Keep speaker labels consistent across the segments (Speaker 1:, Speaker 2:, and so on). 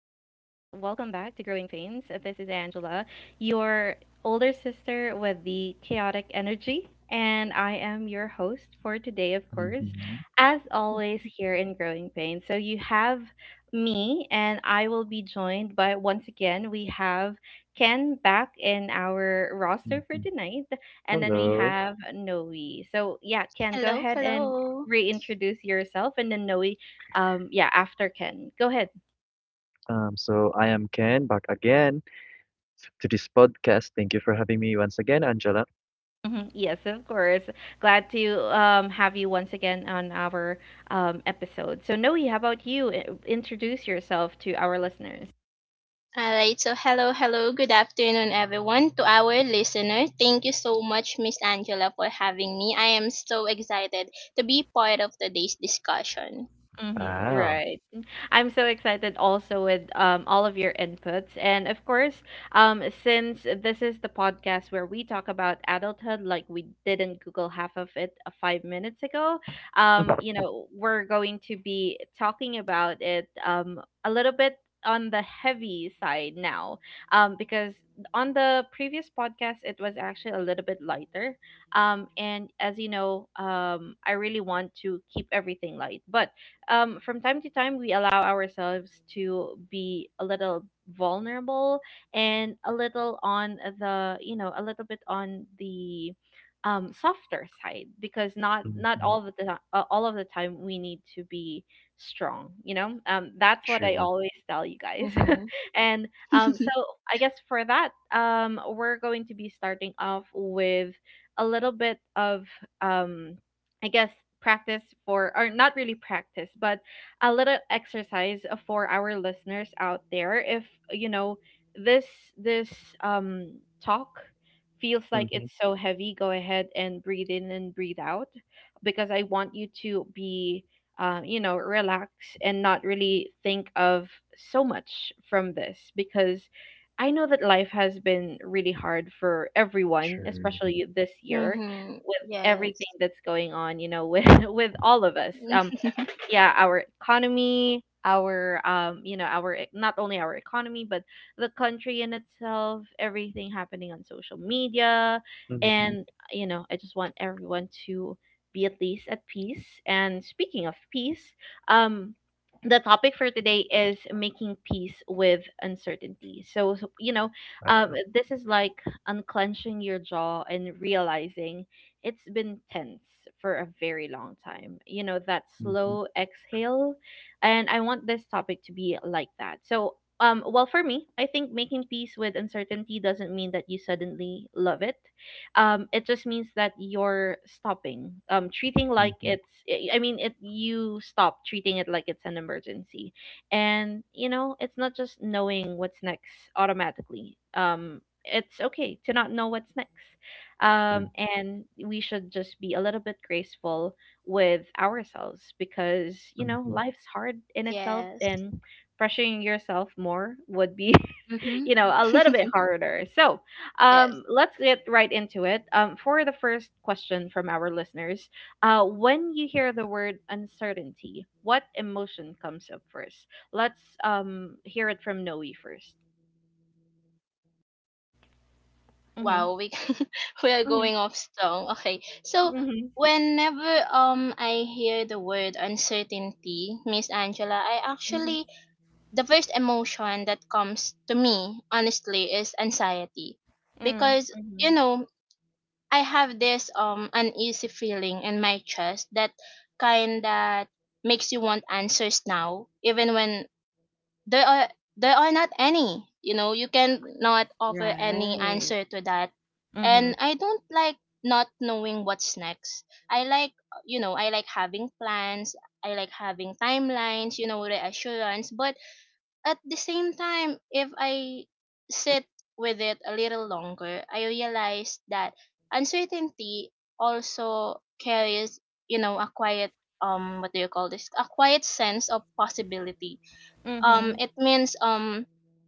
Speaker 1: back to Growing Pains. This is Angela, your older sister with the chaotic energy, and I am your host for today, of course,
Speaker 2: Mhm,
Speaker 1: as always, here in Growing Pains. So, you have me, and I will be joined by, once again, we have Ken back in our roster for
Speaker 2: mhm.
Speaker 1: tonight, and then we
Speaker 2: Hello.
Speaker 1: have Noe. So, yeah, Ken, go
Speaker 3: Hello,
Speaker 1: ahead and
Speaker 3: hello.
Speaker 1: reintroduce yourself, and then Noe, yeah after Ken go ahead.
Speaker 2: So I am Ken back again to this podcast. Thank you for having me once again, Angela.
Speaker 1: Mhm, yes of course, glad to have you once again on our episode. So Noe, how about you, introduce yourself to our listeners.
Speaker 3: All right, so hello, hello. Good afternoon, everyone. To our listener, thank you so much, Miss Angela, for having me. I am so excited to be part of today's discussion.
Speaker 1: Mm-hmm,
Speaker 2: Wow.
Speaker 1: right. I'm so excited also with all of your inputs. And of course, since this is the podcast where we talk about adulthood, like we didn't Google half of it 5 minutes ago, we're going to be talking about it a little bit on the heavy side now, because on the previous podcast it was actually a little bit lighter, and as you know, I really want to keep everything light, but from time to time we allow ourselves to be a little vulnerable, and a little on the, you know, a little bit on the softer side because not
Speaker 2: hmm
Speaker 1: all of the all of the time we need to be strong, you know. That's what I
Speaker 2: True.
Speaker 1: always tell you guys.
Speaker 3: Mhm.
Speaker 1: And
Speaker 3: Mhm.
Speaker 1: so I guess for that, we're going to be starting off with a little bit of um, I guess practice for, or not really practice, but a little exercise for our listeners out there. If you know this, this um talk feels like
Speaker 2: hmm
Speaker 1: it's so heavy, go ahead and breathe in and breathe out because I want you to be you know, relax and not really think of so much from this, because I know that life has been really hard for everyone,
Speaker 2: True.
Speaker 1: especially this year with everything
Speaker 3: Yes.
Speaker 1: that's going on, you know, with with all of us. Yeah, our economy, our, our not only our economy, but the country in itself, everything happening on social media,
Speaker 2: hmm
Speaker 1: and you know, I just want everyone to be at least at peace. And speaking of peace, um. the topic for today is making peace with uncertainty. So, you know,
Speaker 2: Wow.
Speaker 1: this is like unclenching your jaw and realizing it's been tense for a very long time. You know, that
Speaker 2: hmm
Speaker 1: slow exhale. And I want this topic to be like that. So, well, for me, I think making peace with uncertainty doesn't mean that you suddenly love it. It just means that you're stopping, treating like
Speaker 2: hmm
Speaker 1: it's, I mean, it, you stop treating it like it's an emergency, and you know, it's not just knowing what's next automatically. It's okay to not know what's next,
Speaker 2: True.
Speaker 1: and we should just be a little bit graceful with ourselves because, you know,
Speaker 2: hmm
Speaker 1: life's hard in itself
Speaker 3: Yes.
Speaker 1: and pressuring yourself more would be
Speaker 3: Mhm.
Speaker 1: you know, a little bit harder. So
Speaker 3: Yes.
Speaker 1: let's get right into it. For the first question from our listeners, when you hear the word uncertainty, what emotion comes up first? Let's hear it from Noe first. Mm-hmm.
Speaker 3: Wow, we we are
Speaker 1: Mm-hmm.
Speaker 3: going off strong. Okay. So
Speaker 1: Mm-hmm.
Speaker 3: whenever I hear the word uncertainty, Miss Angela, I
Speaker 1: Mm-hmm.
Speaker 3: actually. The first emotion that comes to me honestly is anxiety, because you
Speaker 1: Mm-hmm.
Speaker 3: know, I have this uneasy feeling in my chest, that makes you want answers now, even when there are there are not any. You know, you can not offer any
Speaker 1: Right.
Speaker 3: answer to that.
Speaker 1: Mhm.
Speaker 3: And I don't like not knowing what's next. I like, having plans. I like having timelines, reassurance. But at the same time, if I sit with it a little longer, I realize that uncertainty also carries, a quiet. What do you call this? A quiet sense of possibility. Um
Speaker 1: Mhm.
Speaker 3: it means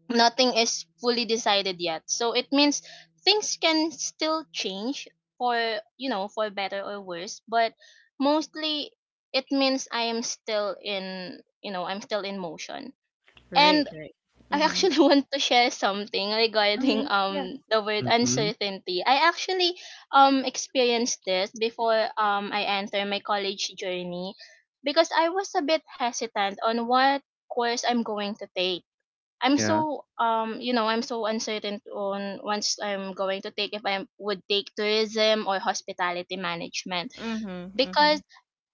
Speaker 3: nothing is fully decided yet. So it means things can still change for better or worse, but mostly it means I am still in, you know, I'm still in motion.
Speaker 1: Right,
Speaker 3: And
Speaker 1: right.
Speaker 3: I
Speaker 1: Mhm.
Speaker 3: actually want to share something regarding
Speaker 1: Mhm. Yeah.
Speaker 3: the word
Speaker 2: hmm
Speaker 3: uncertainty. I actually experienced this before I enter my college journey, because I was a bit hesitant on what course I'm going to take. I'm
Speaker 2: Yeah.
Speaker 3: so um you know I'm so uncertain on once I'm going to take, if I would take tourism or hospitality management.
Speaker 1: Mhm. Mhm.
Speaker 3: Because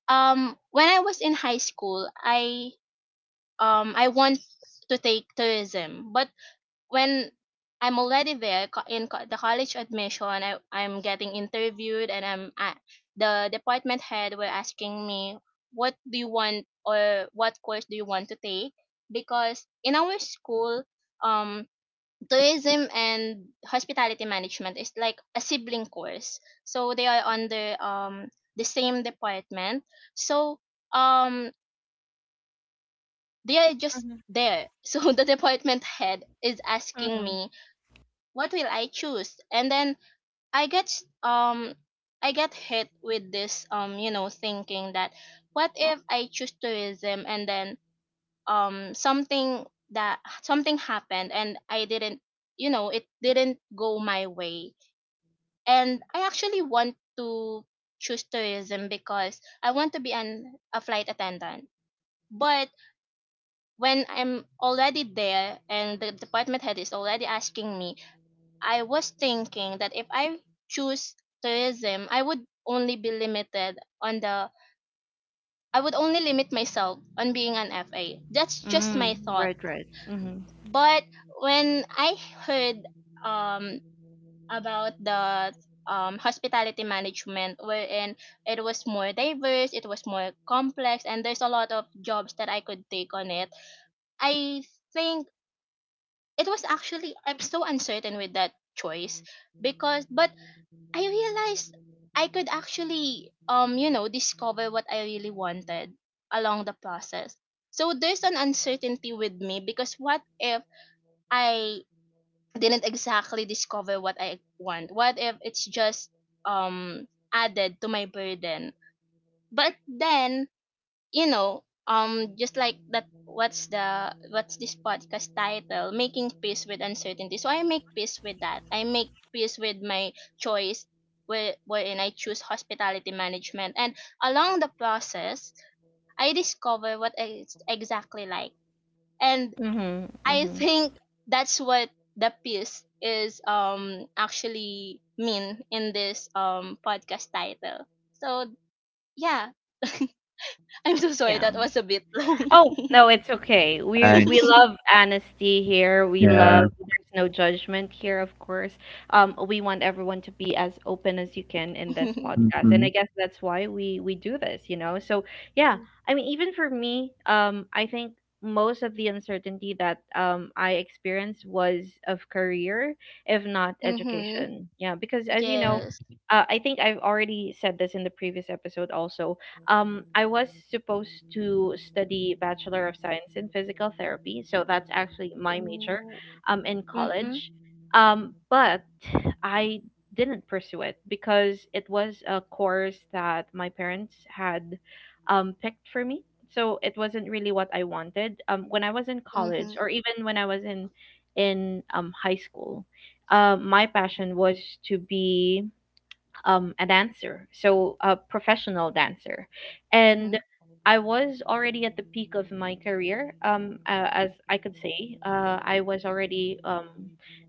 Speaker 3: when I was in high school, I want to take tourism. But when I'm already there, the college admission, I'm getting interviewed, and I'm at the department head were asking me, "What do you want, or what course do you want to take?" Because in our school, um, tourism and hospitality management is like a sibling course, so they are under the same department. So um, they are just
Speaker 1: Mhm.
Speaker 3: there. So the department head is asking
Speaker 1: Mhm.
Speaker 3: me, what will I choose? And then I get um I get hit with this thinking that, what if I choose tourism and then something happened, and I didn't you know it didn't go my way. And I actually want to choose tourism because I want to be an a flight attendant. But when I'm already there and the department head is already asking me, I was thinking that if I choose tourism, I would only limit myself on being an FA. That's just my
Speaker 1: Mm.
Speaker 3: thought.
Speaker 1: Right, right. Mhm.
Speaker 3: But when I heard um about the hospitality management, wherein it was more diverse, it was more complex, and there's a lot of jobs that I could take on it. I think it was actually, I'm so uncertain with that choice, because but I realized I could actually discover what I really wanted along the process. So there's an uncertainty with me, because what if I didn't exactly discover what I want? What if it's just um added to my burden? But then, just like that. What's this podcast title? Making peace with uncertainty. So I make peace with that. I make peace with my choice, wherein I choose hospitality management, and along the process, I discover what I exactly like. And
Speaker 1: Mhm.
Speaker 3: I
Speaker 1: Mhm.
Speaker 3: think that's what the peace is actually mean in this podcast title. So yeah, I'm so sorry
Speaker 1: Yeah.
Speaker 3: that was a bit long.
Speaker 1: Oh, no, it's okay. We
Speaker 2: Nice.
Speaker 1: love honesty here. We love,
Speaker 2: Yeah.
Speaker 1: there's no judgment here, of course. We want everyone to be as open as you can in this podcast. And
Speaker 2: hmm
Speaker 1: I guess that's why we do this, you know. So, yeah. I mean, even for me, I think most of the uncertainty that I experienced was of career, if not
Speaker 3: Mhm.
Speaker 1: education. Yeah, because as you know,
Speaker 3: Yes.
Speaker 1: I think I've already said this in the previous episode also. I was supposed to study Bachelor of Science in Physical Therapy, so that's actually my major
Speaker 3: Ooh.
Speaker 1: in
Speaker 3: Mhm.
Speaker 1: college. But I didn't pursue it because it was a course that my parents had picked for me. So it wasn't really what I wanted. When I was in college,
Speaker 3: Mhm.
Speaker 1: or even when I was in high school, my passion was to be a dancer, so a professional dancer. And
Speaker 3: Mhm.
Speaker 1: I was already at the peak of my career, as I could say. I was already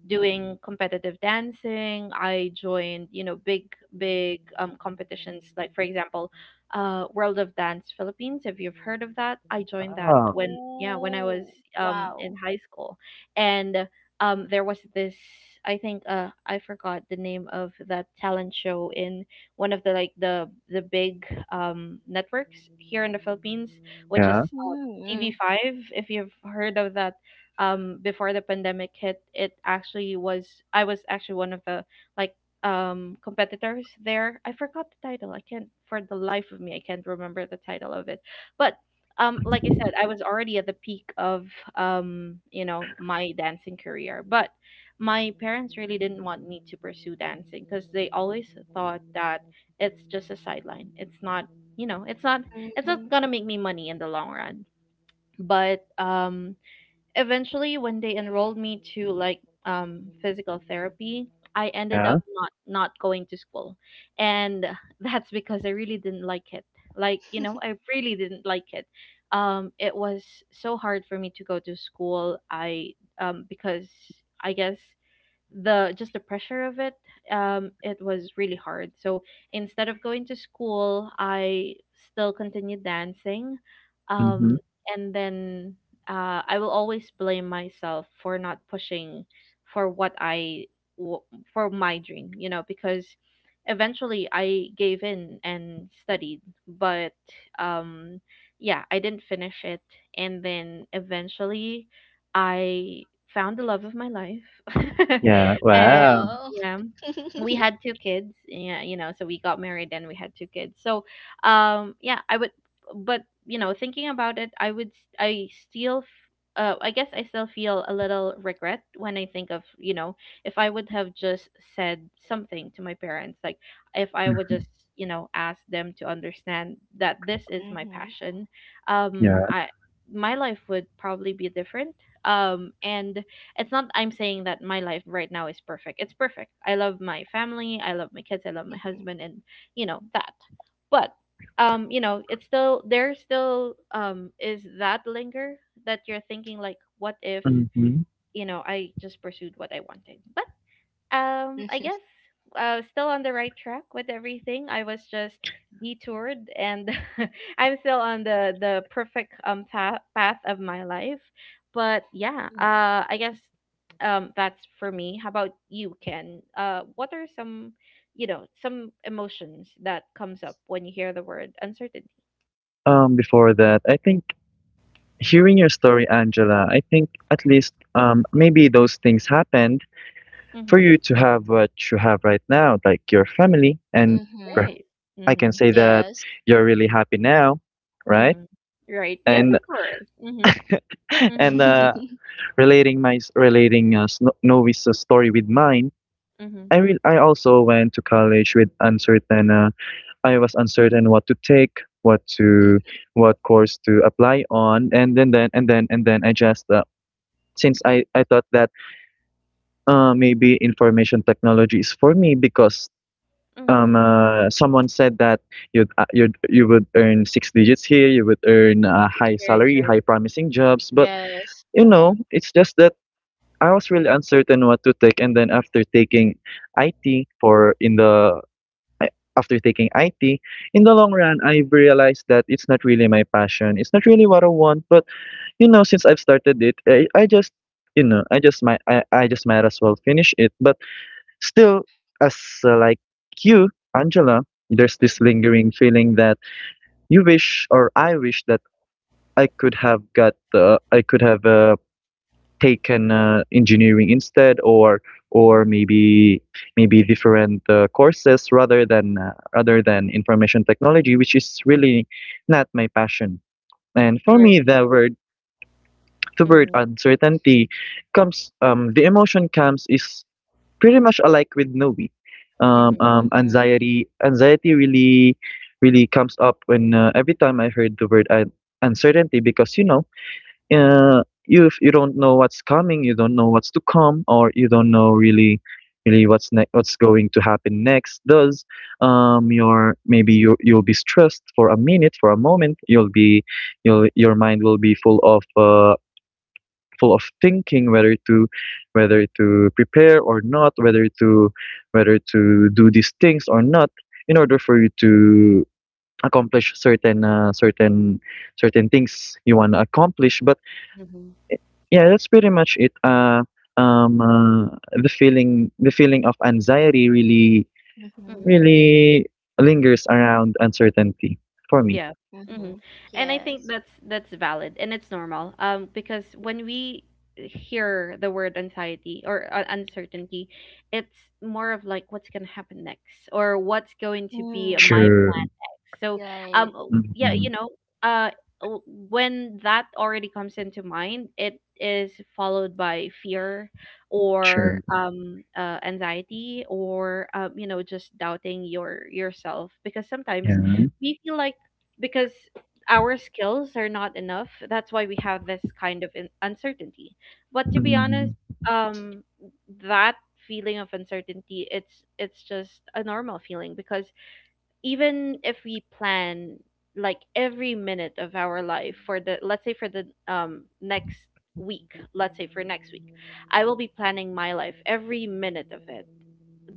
Speaker 1: doing competitive dancing. I joined, you know, big competitions, like, for example, World of Dance Philippines, if you've heard of that. I joined that
Speaker 2: Wow.
Speaker 1: when, yeah, when I was
Speaker 3: Ooh.
Speaker 1: in
Speaker 3: Wow.
Speaker 1: high school. And there was this, I think, I forgot the name of that talent show in one of the, like, the big networks here in the Philippines, which is
Speaker 2: Yeah.
Speaker 1: um,
Speaker 3: Mhm.
Speaker 1: TV5. If you've heard of that, before the pandemic hit, it actually was, I was actually one of the, like competitors there. I forgot the title. I can't for the life of me I can't remember the title of it. But like I said, I was already at the peak of you know, my dancing career, but my parents really didn't want me to pursue dancing because they always thought that it's just a sideline. It's not, you know, it's not
Speaker 3: Mhm.
Speaker 1: gonna make me money in the long run. But eventually when they enrolled me to, like, physical therapy, I ended
Speaker 2: Yeah.
Speaker 1: up not going to school, and that's because I really didn't like it. Like, you know, I really didn't like it. It was so hard for me to go to school. I Because I guess the just the pressure of it, it was really hard. So instead of going to school, I still continued dancing,
Speaker 2: hmm
Speaker 1: um and then I will always blame myself for not pushing for what I w- for my dream, you know, because eventually I gave in and studied, but um yeah, I didn't finish it. And then eventually I found the love of my life.
Speaker 2: Yeah.
Speaker 1: And
Speaker 2: Wow.
Speaker 3: Wow.
Speaker 1: yeah, we had two kids. Yeah, you know, so we got married and we had two kids. So, yeah, I would, but you know, thinking about it, I still. I guess I still feel a little regret when I think of, you know, if I would have just said something to my parents, like if I would just,
Speaker 2: hmm
Speaker 1: you know, ask them to understand that this is my
Speaker 3: Mhm.
Speaker 1: passion.
Speaker 2: Yeah.
Speaker 1: I My life would probably be different, and it's not, I'm saying that my life right now is perfect. It's perfect. I love my family, I love my kids, I love my
Speaker 3: Mhm.
Speaker 1: husband, and you know that. But you know, it's still there, still is that linger, that you're thinking, like, what if,
Speaker 2: hmm
Speaker 1: you know, I just pursued what I wanted. But I guess still on the right track with everything. I was just detoured, and I'm still on the perfect path of my life. But yeah,
Speaker 3: Mhm.
Speaker 1: I guess that's for me. How about you, Ken? What are some, you know, some emotions that comes up when you hear the word uncertainty?
Speaker 2: before that, I think. Hearing your story, Angela, I think at least maybe those things happened for
Speaker 1: Mm-hmm.
Speaker 2: you to have what you have right now, like your family. Per-
Speaker 3: Mhm.
Speaker 1: Right.
Speaker 2: I can
Speaker 1: Mm-hmm.
Speaker 2: say that
Speaker 3: Yes.
Speaker 2: you're really happy now, right?
Speaker 1: Mm-hmm. Right. Yes,
Speaker 2: And
Speaker 1: of course. Mm-hmm. Mm-hmm.
Speaker 2: and relating Novi's story with mine,
Speaker 1: Mm-hmm.
Speaker 2: I also went to college with uncertain. I was uncertain what to take, what to
Speaker 3: Mhm.
Speaker 2: what course to apply on, and then I just since I thought that maybe information technology is for me because
Speaker 1: Mm-hmm.
Speaker 2: someone said that you would earn six digits here, you would earn a high
Speaker 1: Right.
Speaker 2: salary,
Speaker 1: Right.
Speaker 2: high promising jobs, but
Speaker 3: Yes.
Speaker 2: you know, it's just that I was really uncertain what to take, and then after taking IT for in the I- after taking IT, in the long run, I've realized that it's not really my passion. It's not really what I want. But you know, since I've started it, I just you know, I just might as well finish it. But still, as like you, Angela, there's this lingering feeling that you wish, or I wish, that I could have taken engineering instead, or or
Speaker 1: Mm-hmm.
Speaker 2: maybe maybe different courses rather than information technology, which is really not my passion. And for
Speaker 1: Right.
Speaker 2: me, the word
Speaker 1: Mhm,
Speaker 2: uncertainty comes the emotion comes is pretty much alike with Novi.
Speaker 1: mhm,
Speaker 3: Mhm.
Speaker 2: Anxiety really, really comes up when every time I heard uncertainty because you know, uh, you if you don't know what's coming, you don't know what's to come, or you don't know really, really what's going to happen next. Thus, your maybe you you'll be stressed for a minute, for a moment. You'll be, you'll your mind will be full of thinking whether to prepare or not, whether to do these things or not, in order for you to accomplish certain certain things you want to accomplish. But
Speaker 1: mhm,
Speaker 2: yeah, that's pretty much it. The feeling of anxiety really
Speaker 3: Mhm.
Speaker 1: mhm.
Speaker 2: really lingers around uncertainty for me.
Speaker 1: Yeah. Hmm.
Speaker 3: Mhm.
Speaker 1: And I
Speaker 3: Yes.
Speaker 1: think that's valid and it's normal. Because when we hear the word anxiety or uncertainty, it's more of like what's gonna happen next, or what's going to be
Speaker 3: Mm.
Speaker 1: my
Speaker 2: True.
Speaker 1: plan next. So,
Speaker 3: Right.
Speaker 1: yeah,
Speaker 2: Mm-hmm.
Speaker 1: you know, uh, o- when that already comes into mind, it is followed by fear or
Speaker 2: True.
Speaker 1: anxiety, or you know, just doubting yourself, because sometimes
Speaker 2: Yeah.
Speaker 1: we feel like, because our skills are not enough. That's why we have this kind of uncertainty. But to be
Speaker 2: mm
Speaker 1: honest, um, that feeling of uncertainty, it's just a normal feeling because even if we plan, like, every minute of our life for the, let's say for the next week, let's say for next week, I will be planning my life every minute of it,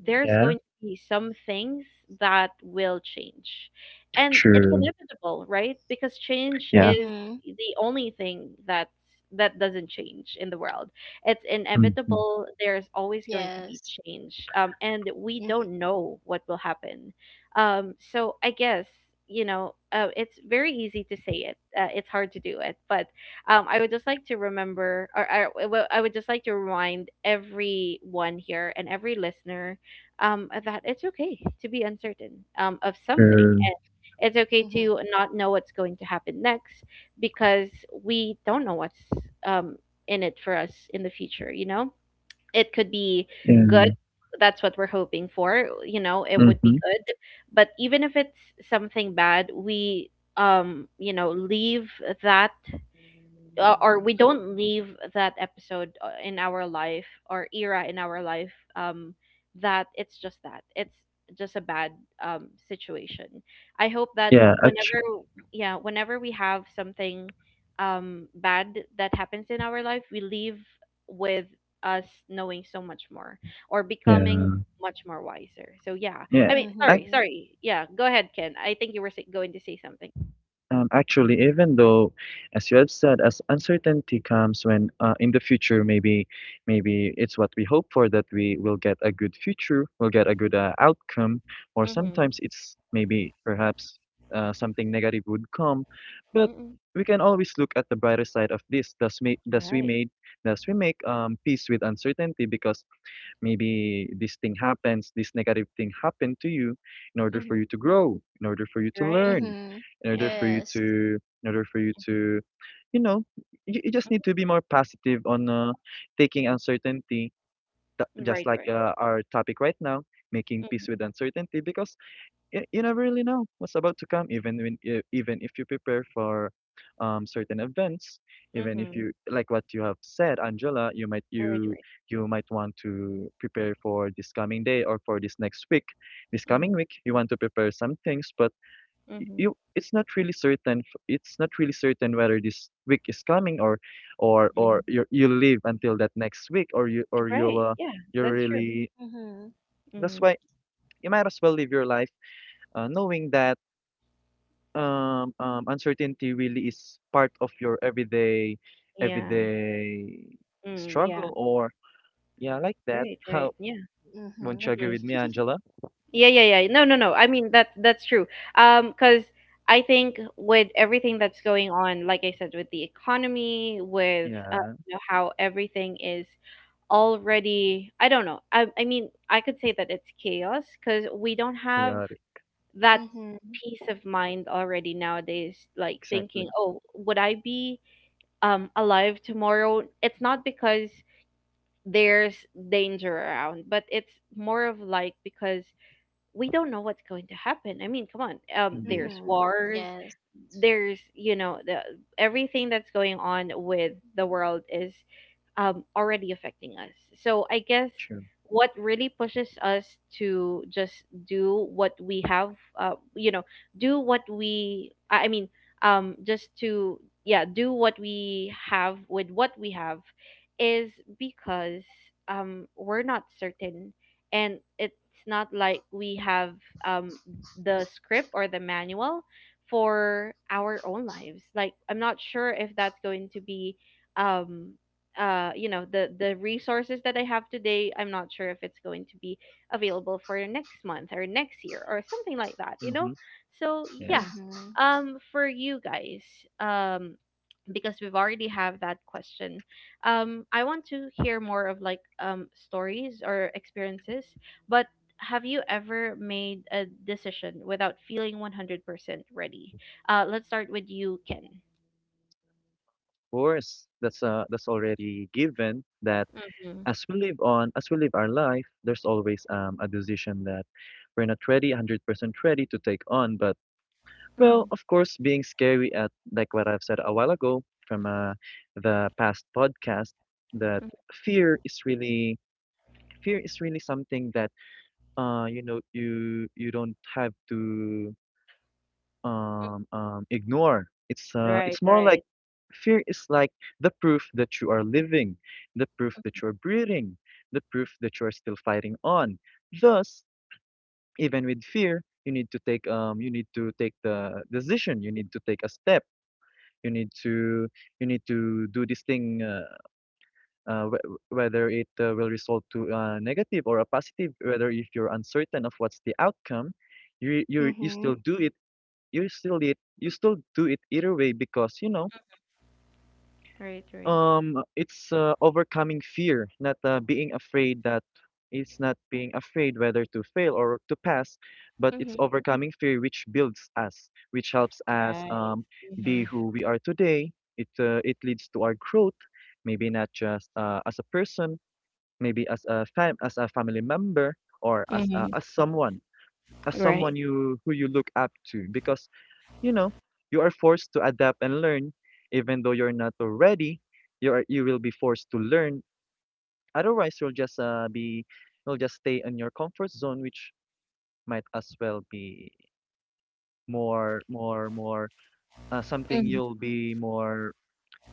Speaker 1: there's
Speaker 2: Yeah.
Speaker 1: going to be some things that will change. And it's
Speaker 2: True.
Speaker 1: inevitable, right? Because change
Speaker 2: Yeah.
Speaker 1: is
Speaker 3: Mhm.
Speaker 1: the only thing that's that doesn't change in the world. It's
Speaker 2: mm
Speaker 1: inevitable. There's always going to be
Speaker 3: Yes.
Speaker 1: change. And we
Speaker 3: Mhm.
Speaker 1: don't know what will happen. So I guess, you know, it's very easy to say it. It's hard to do it. But I would just like to remember, or I would just like to remind everyone here and every listener that it's okay to be uncertain of something.
Speaker 2: True.
Speaker 1: And it's okay
Speaker 3: Mhm.
Speaker 1: to not know what's going to happen next because we don't know what's um, in it for us in the future, you know? It could be good.
Speaker 2: Yeah.
Speaker 1: That's what we're hoping for. It would be
Speaker 2: Mm-hmm.
Speaker 1: good. But even if it's something bad, we — leave that or we don't leave that episode, in our life or era in our life, that it's just a bad, situation. I hope that
Speaker 2: Yeah, actually,
Speaker 1: whenever, yeah, whenever we have something, bad that happens in our life, we leave with us knowing so much more, or
Speaker 2: yeah,
Speaker 1: becoming much more wiser. So yeah, I
Speaker 2: yeah.
Speaker 1: mean,
Speaker 2: Ac
Speaker 1: sorry,
Speaker 3: Mhm.
Speaker 1: sorry. Yeah, go ahead, Ken. I think you were going to say something.
Speaker 2: Even though, as you have said, as uncertainty comes when in the future, maybe, maybe it's what we hope for that we will get a good future, we'll get a good outcome, or
Speaker 1: Mm-hmm.
Speaker 2: sometimes it's maybe perhaps something negative would come, but
Speaker 1: Mm-hmm.
Speaker 2: we can always look at the brighter side of this. Thus, may thus we
Speaker 1: Right.
Speaker 2: made, Thus we make peace with uncertainty because maybe this thing happens, this negative thing happened to you in order
Speaker 1: Mm-hmm.
Speaker 2: for you to grow, in order for you to
Speaker 1: Right.
Speaker 2: learn,
Speaker 3: Mhm.
Speaker 2: in order
Speaker 1: Yeah.
Speaker 2: for you
Speaker 3: Yes.
Speaker 2: to, in order for you
Speaker 1: Mhm.
Speaker 2: to, you know, you just need
Speaker 1: Mhm.
Speaker 2: to be more positive on taking
Speaker 1: Mhm.
Speaker 2: uncertainty, just
Speaker 1: Right,
Speaker 2: like
Speaker 1: right.
Speaker 2: our topic right now, making
Speaker 1: Mhm.
Speaker 2: peace with uncertainty, because you never really know what's about to come even when even if you prepare for certain events, even if
Speaker 1: Mhm.
Speaker 2: you like what you have said, Angela,
Speaker 1: Right, right.
Speaker 2: you might want to prepare for this coming day or for this next week, this coming
Speaker 1: Mhm.
Speaker 2: week, you want to prepare some things, but
Speaker 1: Mhm.
Speaker 2: you it's not really certain it's not really certain whether this week is coming or
Speaker 1: Mhm.
Speaker 2: you you live until that next week, or you'll
Speaker 1: Right. Yeah,
Speaker 2: you're
Speaker 1: that's true.
Speaker 2: really
Speaker 3: Mhm.
Speaker 2: that's
Speaker 1: Mm.
Speaker 2: why you might as well live your life knowing that uncertainty really is part of your
Speaker 1: Yeah.
Speaker 2: everyday
Speaker 1: Mm, yeah.
Speaker 2: struggle or yeah, like that.
Speaker 1: Right, right.
Speaker 2: How
Speaker 1: Yeah.
Speaker 3: Mhm.
Speaker 2: won't you agree
Speaker 1: Mhm.
Speaker 2: with me, Angela?
Speaker 1: Yeah, yeah, yeah. No, no, no. I mean that's true. 'Cause I think with everything that's going on, like I said, with the economy, with
Speaker 2: Yeah,
Speaker 1: how everything is already, I don't know. I mean, I could say that it's chaos 'cause we don't have
Speaker 2: chaotic.
Speaker 1: that
Speaker 3: Mhm.
Speaker 1: peace of mind already nowadays, like thinking,
Speaker 2: Exactly.
Speaker 1: oh, would I be alive tomorrow? It's not because there's danger around, but it's more of like, because we don't know what's going to happen. I mean, come on, there's
Speaker 2: Indeed.
Speaker 3: Mhm.
Speaker 1: wars,
Speaker 3: Yes.
Speaker 1: there's, you know the everything that's going on with the world is already affecting us. So I guess
Speaker 2: True.
Speaker 1: what really pushes us to just do what we have, uh, you know, do what we, I mean, just to, yeah, do what we have with what we have is because, we're not certain, and it's not like we have um, the script or the manual for our own lives. Like, I'm not sure if that's going to be — um the resources that I have today, I'm not sure if it's going to be available for next month or next year or something like that.
Speaker 2: Mm-hmm.
Speaker 1: So yeah,
Speaker 2: Yes.
Speaker 3: Mhm.
Speaker 1: for you guys, um because we've already have that question, I want to hear more of, like, stories or experiences. But have you ever made a decision without feeling 100% ready? Let's start with you, Ken.
Speaker 2: Of course, that's already given that
Speaker 1: Mm-hmm.
Speaker 2: as we live on, as we live our life, there's always a decision that we're not ready, 100% ready to take on, but well,
Speaker 1: Mm-hmm.
Speaker 2: of course, being scary at like what I've said a while ago from the past podcast that fear is really fear is really something that you know you don't have to ignore.
Speaker 1: Right.
Speaker 2: It's more like
Speaker 1: Right.
Speaker 2: fear is like the proof that you are living, the proof that you are breathing, the proof that you are still fighting on. Thus, even with fear, you need to take you need to take the decision, you need to take a step, you need to you need to do this thing uh, wh- whether it will result to a negative or a positive, whether if you're uncertain of what's the outcome, you still
Speaker 3: Mhm.
Speaker 2: do it, you still do it either way because you know
Speaker 1: Right, right.
Speaker 2: it's overcoming fear, not being afraid that it's not being afraid whether to fail or to pass, but it's
Speaker 1: Mm-hmm.
Speaker 2: overcoming fear which builds us, which helps us
Speaker 1: Right.
Speaker 2: be
Speaker 1: Mm-hmm.
Speaker 2: who we are today. It it leads to our growth, maybe not just as a person, maybe as a family member or as a,
Speaker 1: Mm-hmm.
Speaker 2: as
Speaker 1: Right.
Speaker 2: someone you who you look up to, because you know, you are forced to adapt and learn, even though you're not already. You will be forced to learn. Otherwise, you'll just be you'll just stay in your comfort zone, which might as well be more something
Speaker 1: Mm-hmm.
Speaker 2: you'll be more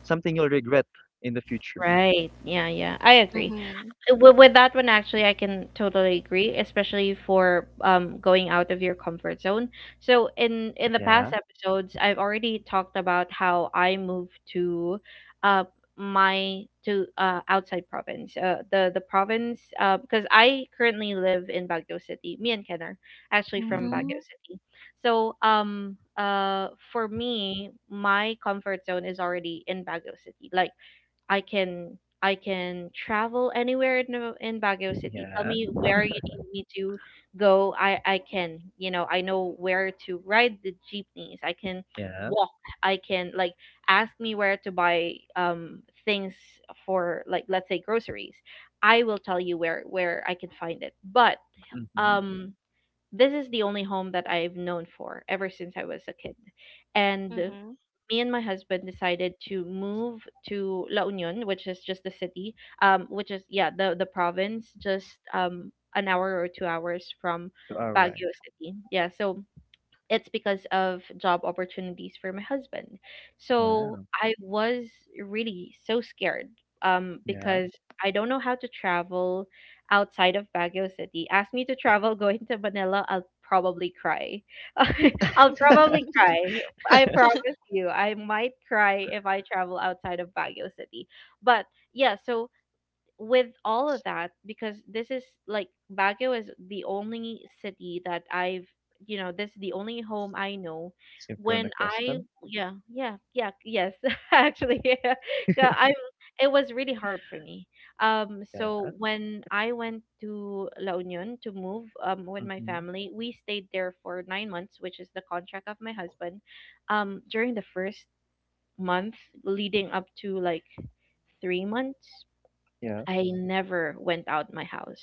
Speaker 2: something you'll regret in the future.
Speaker 1: Right. Yeah, yeah. I agree,
Speaker 3: Mhm.
Speaker 1: with that one, actually, I can totally agree, especially for going out of your comfort zone. So in the past
Speaker 2: Yeah.
Speaker 1: episodes, I've already talked about how I moved to, uh my, to, outside province, the province, because I currently live in Baguio City. Me and Ken are actually from
Speaker 2: Mm-hmm.
Speaker 1: Baguio
Speaker 3: Mhm.
Speaker 1: City. So for me, my comfort zone is already in Baguio City. Like, I can travel anywhere in Baguio City. Tell
Speaker 2: Yeah.
Speaker 1: me where you need me to go. I can, you know, I know where to ride the jeepneys. I can
Speaker 2: Yeah.
Speaker 1: walk. I can, like — ask me where to buy things for, like, let's say, groceries. I will tell you where I can find it. But
Speaker 2: Mm-hmm.
Speaker 1: um this is the only home that I've known for ever since I was a kid. And
Speaker 3: Mhm.
Speaker 1: me and my husband decided to move to La Union, which is just the city, which is, yeah, the province, just an hour or 2 hours from
Speaker 2: You are right.
Speaker 1: Baguio City. Yeah, so it's because of job opportunities for my husband. So
Speaker 2: Wow.
Speaker 1: I was really so scared,
Speaker 2: Yeah.
Speaker 1: because I don't know how to travel outside of Baguio City. Ask me to travel going to Manila, I'll probably cry. I'll probably cry. I promise you, I might cry if I travel outside of Baguio City. But yeah, so with all of that, because this is like Baguio is the only city that I've you know this is the only home I know
Speaker 2: You've grown
Speaker 1: when I —
Speaker 2: accustomed.
Speaker 1: yeah, yeah, yeah, yes, actually, yeah. I It was really hard for me.
Speaker 2: Yeah.
Speaker 1: So when I went to La Union to move, with my
Speaker 2: Mm-hmm.
Speaker 1: family, we stayed there for 9 months, which is the contract of my husband. During the first month, leading up to like 3 months,
Speaker 2: Yeah.
Speaker 1: I never went out my house.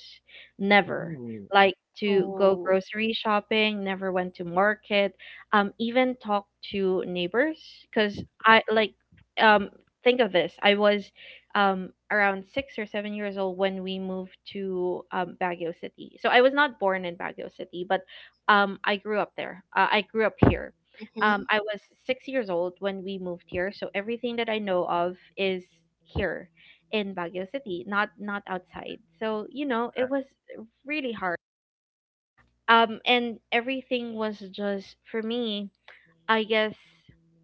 Speaker 1: Never.
Speaker 2: Ooh.
Speaker 1: Like, to go
Speaker 3: Oh.
Speaker 1: grocery shopping, never went to market, even talk to neighbors, cuz I, like, um think of this. I was, around 6 or 7 years old when we moved to Baguio City. So I was not born in Baguio City, but I grew up there. I grew up here.
Speaker 3: Mhm.
Speaker 1: I was 6 years old when we moved here, so everything that I know of is here in Baguio City, not outside. So, you know, it was really hard. And everything was just for me, I guess.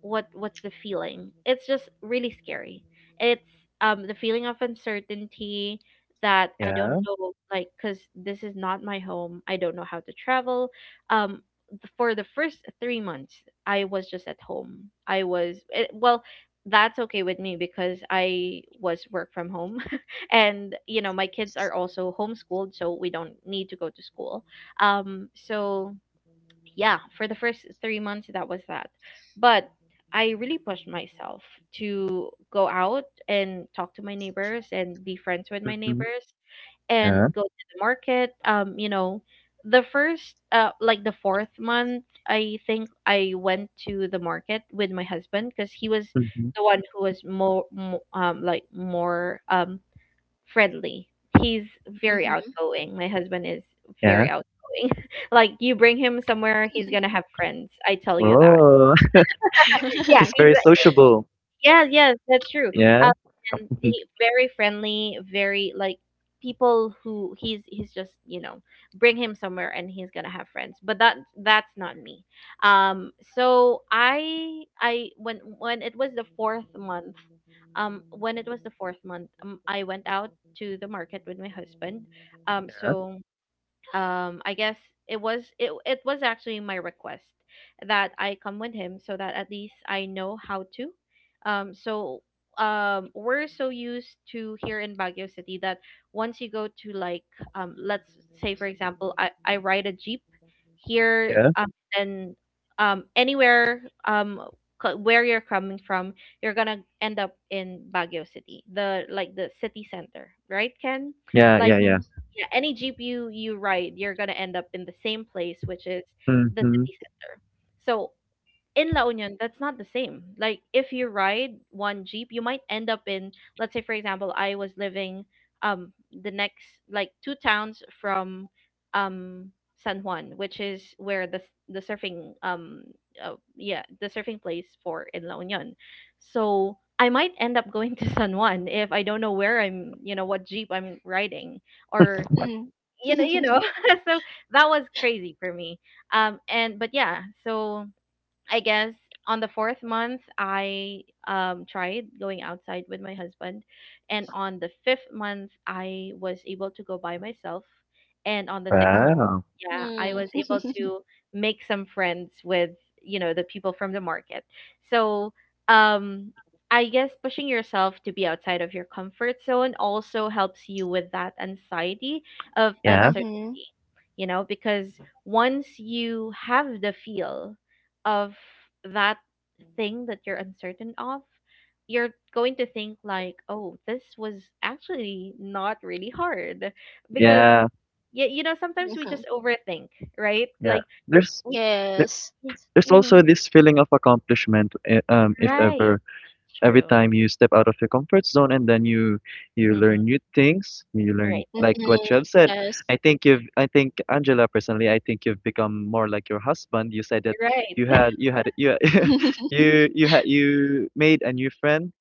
Speaker 1: What's the feeling? It's just really scary. It's, the feeling of uncertainty, that I don't
Speaker 2: Yeah.
Speaker 1: know, like, cuz this is not my home. I don't know how to travel. Um for the first 3 months, I was just at home. I was — it, well, that's okay with me because I was work from home, and you know, my kids are also homeschooled, so we don't need to go to school. So yeah, for the first 3 months, that was that. But I really pushed myself to go out and talk to my neighbors and be friends with my
Speaker 2: Mm-hmm.
Speaker 1: neighbors
Speaker 2: Yeah.
Speaker 1: and go to the market. You know, the first, like the fourth month, I think I went to the market with my husband because he was
Speaker 2: Mm-hmm.
Speaker 1: the one who was more — like, more, friendly. He's very
Speaker 3: Mhm.
Speaker 1: outgoing. My husband is
Speaker 2: Yeah.
Speaker 1: very outgoing. Like, you bring him somewhere, he's gonna have friends. I tell you that.
Speaker 2: Oh,
Speaker 3: Mhm.
Speaker 1: Yeah,
Speaker 2: he's
Speaker 1: he's —
Speaker 2: very sociable.
Speaker 1: yeah, yeah, that's true.
Speaker 2: Yeah.
Speaker 1: Um, and he very friendly, very, like, people who he's just, you know, bring him somewhere and he's gonna have friends. But that's not me. So I when it was the fourth month, when it was the fourth month, I went out to the market with my husband. So I guess it was actually my request that I come with him so that at least I know how to — um so we're so used to here in Baguio City that once you go to, like, let's say for example, I ride a jeep here,
Speaker 2: Yeah.
Speaker 1: and, anywhere, um where you're coming from, you're gonna end up in Baguio City, the like, the city center, right, Ken?
Speaker 2: Yeah,
Speaker 1: Like,
Speaker 2: yeah, yeah.
Speaker 3: Mm.
Speaker 1: yeah, any GPU you ride, you're gonna end up in the same place, which is the
Speaker 2: Mm-hmm.
Speaker 1: city center. So in La Union, that's not the same. Like, if you ride one jeep, you might end up in — let's say for example, I was living um the next, like, 2 towns from um San Juan, which is where the surfing — yeah, the surfing place for in La Union. So I might end up going to San Juan if I don't know where I'm, you know, what jeep I'm riding or — you know you know so that was crazy for me. And But yeah, so I guess on the fourth month, I tried going outside with my husband, and on the fifth month, I was able to go by myself, and on the sixth —
Speaker 3: No.
Speaker 2: Wow.
Speaker 1: yeah, I
Speaker 3: Mm.
Speaker 1: was able to make some friends with, you know, the people from the market. So, um I guess pushing yourself to be outside of your comfort zone also helps you with that anxiety of
Speaker 2: Yeah.
Speaker 3: Mhm.
Speaker 1: uncertainty,
Speaker 3: Mhm.
Speaker 1: you know, because once you have the feel of that thing that you're uncertain of, you're going to think, like, oh, this was actually not really hard, because,
Speaker 2: Yeah.
Speaker 1: yeah, you know, sometimes we just overthink, right?
Speaker 2: Yeah.
Speaker 1: Like,
Speaker 2: There's
Speaker 1: we —
Speaker 2: there-
Speaker 3: Yes.
Speaker 1: yeah.
Speaker 2: there's also
Speaker 1: Mhm.
Speaker 2: this feeling of accomplishment, if
Speaker 1: Right?
Speaker 2: ever, every
Speaker 1: True.
Speaker 2: time you step out of your comfort zone and then you
Speaker 1: Mm-hmm.
Speaker 2: learn new things, you learn
Speaker 1: Right.
Speaker 2: like what you
Speaker 3: Mhm.
Speaker 2: have said.
Speaker 3: Yes.
Speaker 2: I think, Angela, personally, I think you've become more like your husband. You said that you
Speaker 1: Right.
Speaker 2: had you had you you made a new friend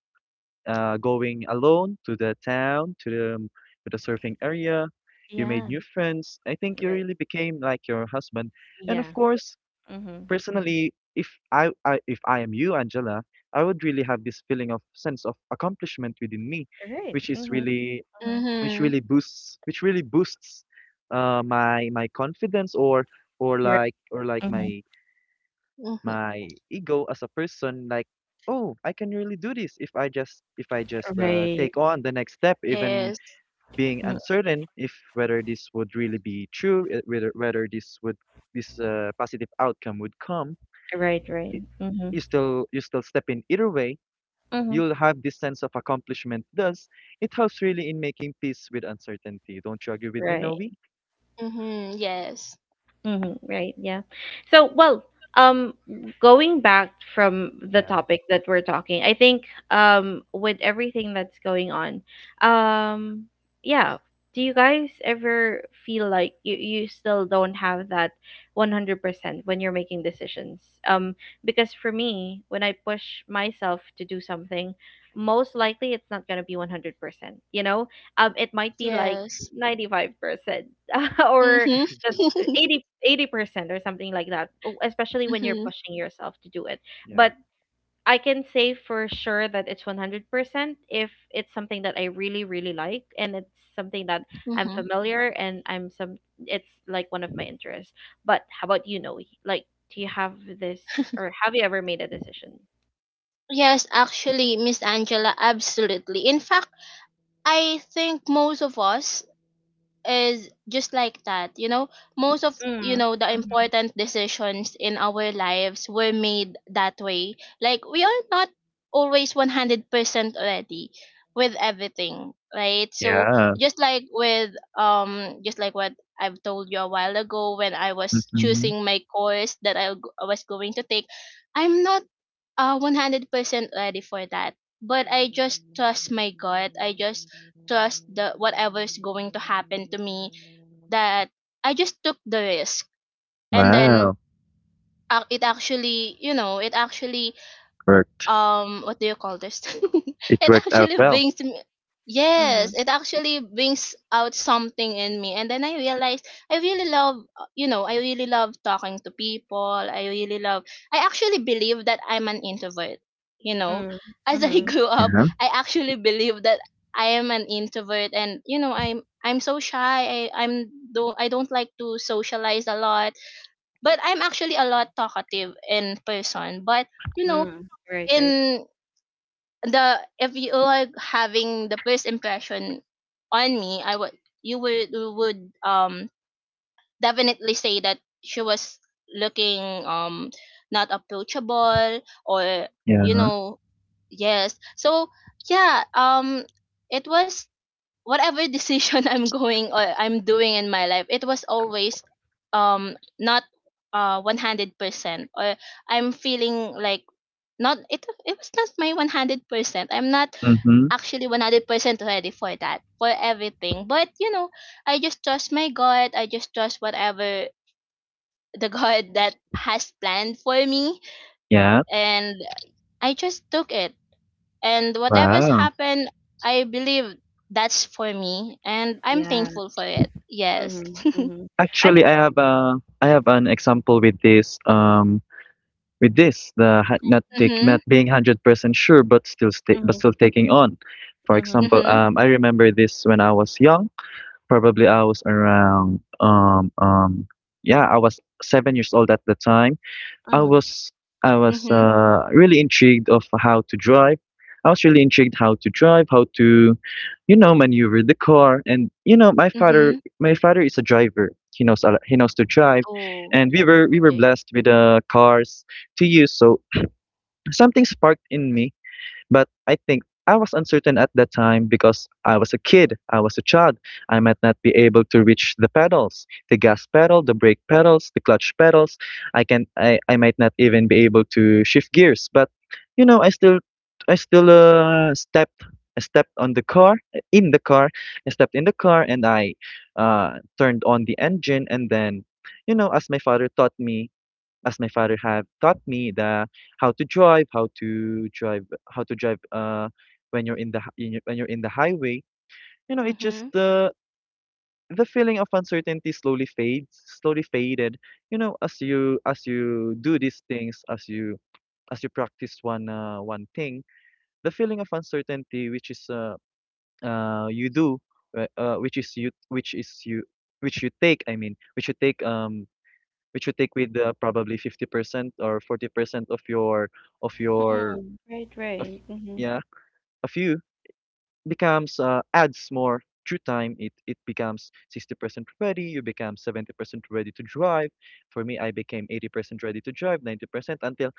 Speaker 2: going alone to the town, to the surfing area. You made
Speaker 1: Yeah.
Speaker 2: new friends. I think you
Speaker 1: Right.
Speaker 2: really became like your husband. And of
Speaker 1: Yeah.
Speaker 2: course,
Speaker 1: Mm-hmm.
Speaker 2: personally, if I am you, Angela, I would really have this feeling of sense of accomplishment within me,
Speaker 1: Right.
Speaker 2: which is
Speaker 1: Mm-hmm.
Speaker 2: really
Speaker 1: Mm-hmm.
Speaker 3: Mhm.
Speaker 2: which really boosts my my confidence or
Speaker 1: Right.
Speaker 2: or like
Speaker 1: Mm-hmm.
Speaker 3: Mhm.
Speaker 2: my ego as a person like, oh, I can really do this if I just
Speaker 1: Right.
Speaker 2: take on the next step, even
Speaker 3: Yes.
Speaker 2: being
Speaker 1: Mm.
Speaker 2: uncertain if whether this would really be true, whether this would this positive outcome would come,
Speaker 1: Right. Right.
Speaker 2: i-
Speaker 1: Mm-hmm.
Speaker 2: you still step in either way,
Speaker 1: Mm-hmm.
Speaker 2: you'll have this sense of accomplishment, thus it helps really in making peace with uncertainty. Don't you agree with me,
Speaker 1: Right.
Speaker 2: Novi?
Speaker 3: Mm-hmm. Yes.
Speaker 1: Mm-hmm, right, yeah. So, well, um, going back from the
Speaker 2: Yeah,
Speaker 1: topic that we're talking, I think with everything that's going on, um, yeah, do you guys ever feel like you still don't have that 100% when you're making decisions? Um, because for me, when I push myself to do something, most likely it's not gonna be 100%, you know? It might be like
Speaker 3: Yes.
Speaker 1: 95% or
Speaker 3: Mm-hmm.
Speaker 1: eighty percent or something like that, especially when you're
Speaker 3: Mm-hmm.
Speaker 1: pushing yourself to do it.
Speaker 2: yeah,
Speaker 1: But I can say for sure that it's 100% if it's something that I really really like and it's something that I'm
Speaker 3: Mm-hmm.
Speaker 1: familiar, and I'm some it's like one of my interests. But how about, like, do you have this or have you ever made a decision?
Speaker 3: Yes, actually, Miss Angela, absolutely. In fact, I think most of us is just like that. You know, most of
Speaker 1: Mm.
Speaker 3: the
Speaker 1: Mm-hmm.
Speaker 3: important decisions in our lives were made that way, like we are not always 100% ready with everything, right? So
Speaker 2: yeah.
Speaker 3: just like with just like what I've told you a while ago when I was
Speaker 2: hmm
Speaker 3: choosing my course, that I was going to take. I'm not 100% ready for that, but I just trust my gut. I just trust the whatever's going to happen to me, that I just took the risk. And then,
Speaker 2: wow,
Speaker 3: it actually, you know, it actually.
Speaker 2: worked
Speaker 3: What do you call this?
Speaker 2: it
Speaker 3: It
Speaker 2: worked out
Speaker 3: actually
Speaker 2: well.
Speaker 3: brings me.
Speaker 1: Mm-hmm.
Speaker 3: Yes, it actually brings out something in me. And then I realized I really love, I really love talking to people. I really love. I actually believe that I'm an introvert, you know,
Speaker 1: Mm.
Speaker 3: as I
Speaker 1: Mm-hmm.
Speaker 3: grew up.
Speaker 2: Yeah,
Speaker 3: I actually believe that I am an introvert. And you know, I'm so shy, I don't like to socialize a lot. But I'm actually a lot talkative in person. But you know
Speaker 1: Mm. Right, right.
Speaker 3: in the if you are having the first impression on me, I would you would you would definitely say that she was looking not approachable, or
Speaker 2: yeah.
Speaker 3: you know. Yes, so yeah, it was whatever decision I'm going or I'm doing in my life, it was always not 100%, or I'm feeling like not, it was not my 100%. I'm not
Speaker 2: Mm-hmm.
Speaker 3: actually 100% ready for that, for everything. But, I just trust my God. I just trust whatever the God that has planned for me.
Speaker 2: Yeah.
Speaker 3: And I just took it. And whatever's
Speaker 2: Wow.
Speaker 3: happened, I believe that's for me. And I'm
Speaker 1: Yeah.
Speaker 3: thankful for it. Yes.
Speaker 1: Mm-hmm. Mm-hmm. I
Speaker 2: Actually,
Speaker 1: think.
Speaker 2: I have a I have an example with this not take not
Speaker 3: Mm-hmm.
Speaker 2: being 100% sure but but
Speaker 1: Mm-hmm.
Speaker 2: still taking on. For
Speaker 1: Mm-hmm.
Speaker 2: example,
Speaker 3: Mm-hmm.
Speaker 2: I remember this when I was young. Probably I was around yeah I was 7 years old at the time. I was I was
Speaker 3: Mm-hmm.
Speaker 2: really intrigued of how to drive. I was really intrigued how to drive, you know, maneuver the car. And you know,
Speaker 3: Mm-hmm.
Speaker 2: my father is a driver. He knows he knows to drive,
Speaker 3: Oh,
Speaker 2: and we were
Speaker 3: okay.
Speaker 2: blessed with cars to use. So something sparked in me, but I think I was uncertain at that time because I was a kid, I was a child. I might not be able to reach the pedals, the gas pedal, the brake pedals, the clutch pedals. I might not even be able to shift gears. But you know, I still stepped I stepped on the car in the car. I stepped in the car and I turned on the engine and then you know, as my father taught me, as my father have taught me the how to drive, how to drive when you're in the hi- in your, when you're in the highway. You know, it just
Speaker 3: Mm-hmm.
Speaker 2: the feeling of uncertainty slowly faded. You know, as you do these things, as you practice one thing, the feeling of uncertainty, which is you do, which is you, which is you, which you take. I mean, which you take with probably 50% or 40% of your of your
Speaker 1: Mm, right,
Speaker 2: of,
Speaker 1: right. Mm-hmm.
Speaker 2: yeah of you becomes adds more through time. It becomes 60% ready, you become 70% ready to drive. For me, I became 80% ready to drive, 90%,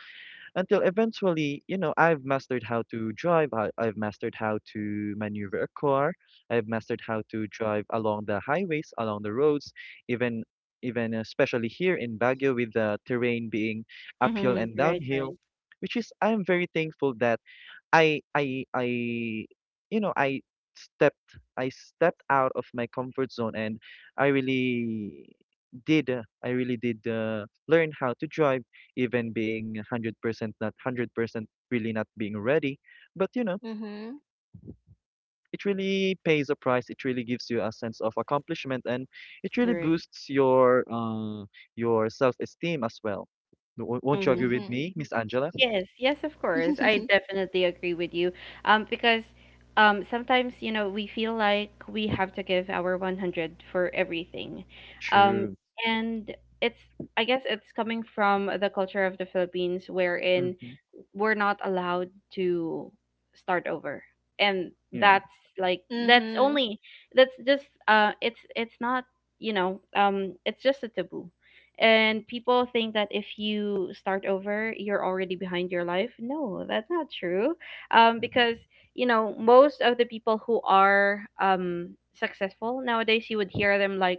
Speaker 2: until eventually, you know, I've mastered how to drive. I've mastered how to maneuver a car, I've mastered how to drive along the highways, along the roads, even especially here in Baguio, with the terrain being uphill
Speaker 1: Mm-hmm.
Speaker 2: and
Speaker 1: Right, right.
Speaker 2: downhill, which, is I'm very thankful that I you know, I stepped out of my comfort zone. And I really did learn how to drive, even being 100% not 100%, really not being ready. But you know,
Speaker 3: Mm-hmm.
Speaker 2: it really pays a price, it really gives you a sense of accomplishment, and it really
Speaker 1: Right.
Speaker 2: boosts your self-esteem as well. W- won't you
Speaker 1: Mm-hmm.
Speaker 2: agree with
Speaker 3: Mm-hmm.
Speaker 2: me, Miss Angela?
Speaker 1: Yes, yes, of course. I
Speaker 3: Mm-hmm.
Speaker 1: definitely agree with you. Because, sometimes, we feel like we have to give our 100 for everything. Um,
Speaker 2: True.
Speaker 1: and it's, I guess it's coming from the culture of the Philippines wherein
Speaker 2: Hmm.
Speaker 1: we're not allowed to start over. And
Speaker 2: Yeah.
Speaker 1: that's like, that's only, that's just, it's not, it's just a taboo, and people think that if you start over you're already behind your life. No, that's not true, because
Speaker 2: Hmm.
Speaker 1: most of the people who are successful nowadays you would hear them like,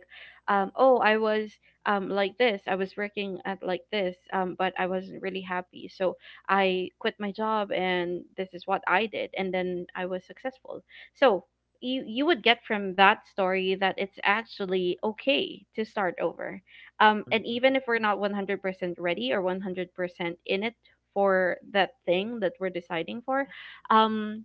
Speaker 1: oh, I was like this, I was working at like this, but I wasn't really happy. So I quit my job and this is what I did, and then I was successful. So you would get from that story that it's actually okay to start over. And
Speaker 2: Hmm.
Speaker 1: even if we're not 100% ready or 100% in it for that thing that we're deciding for, um,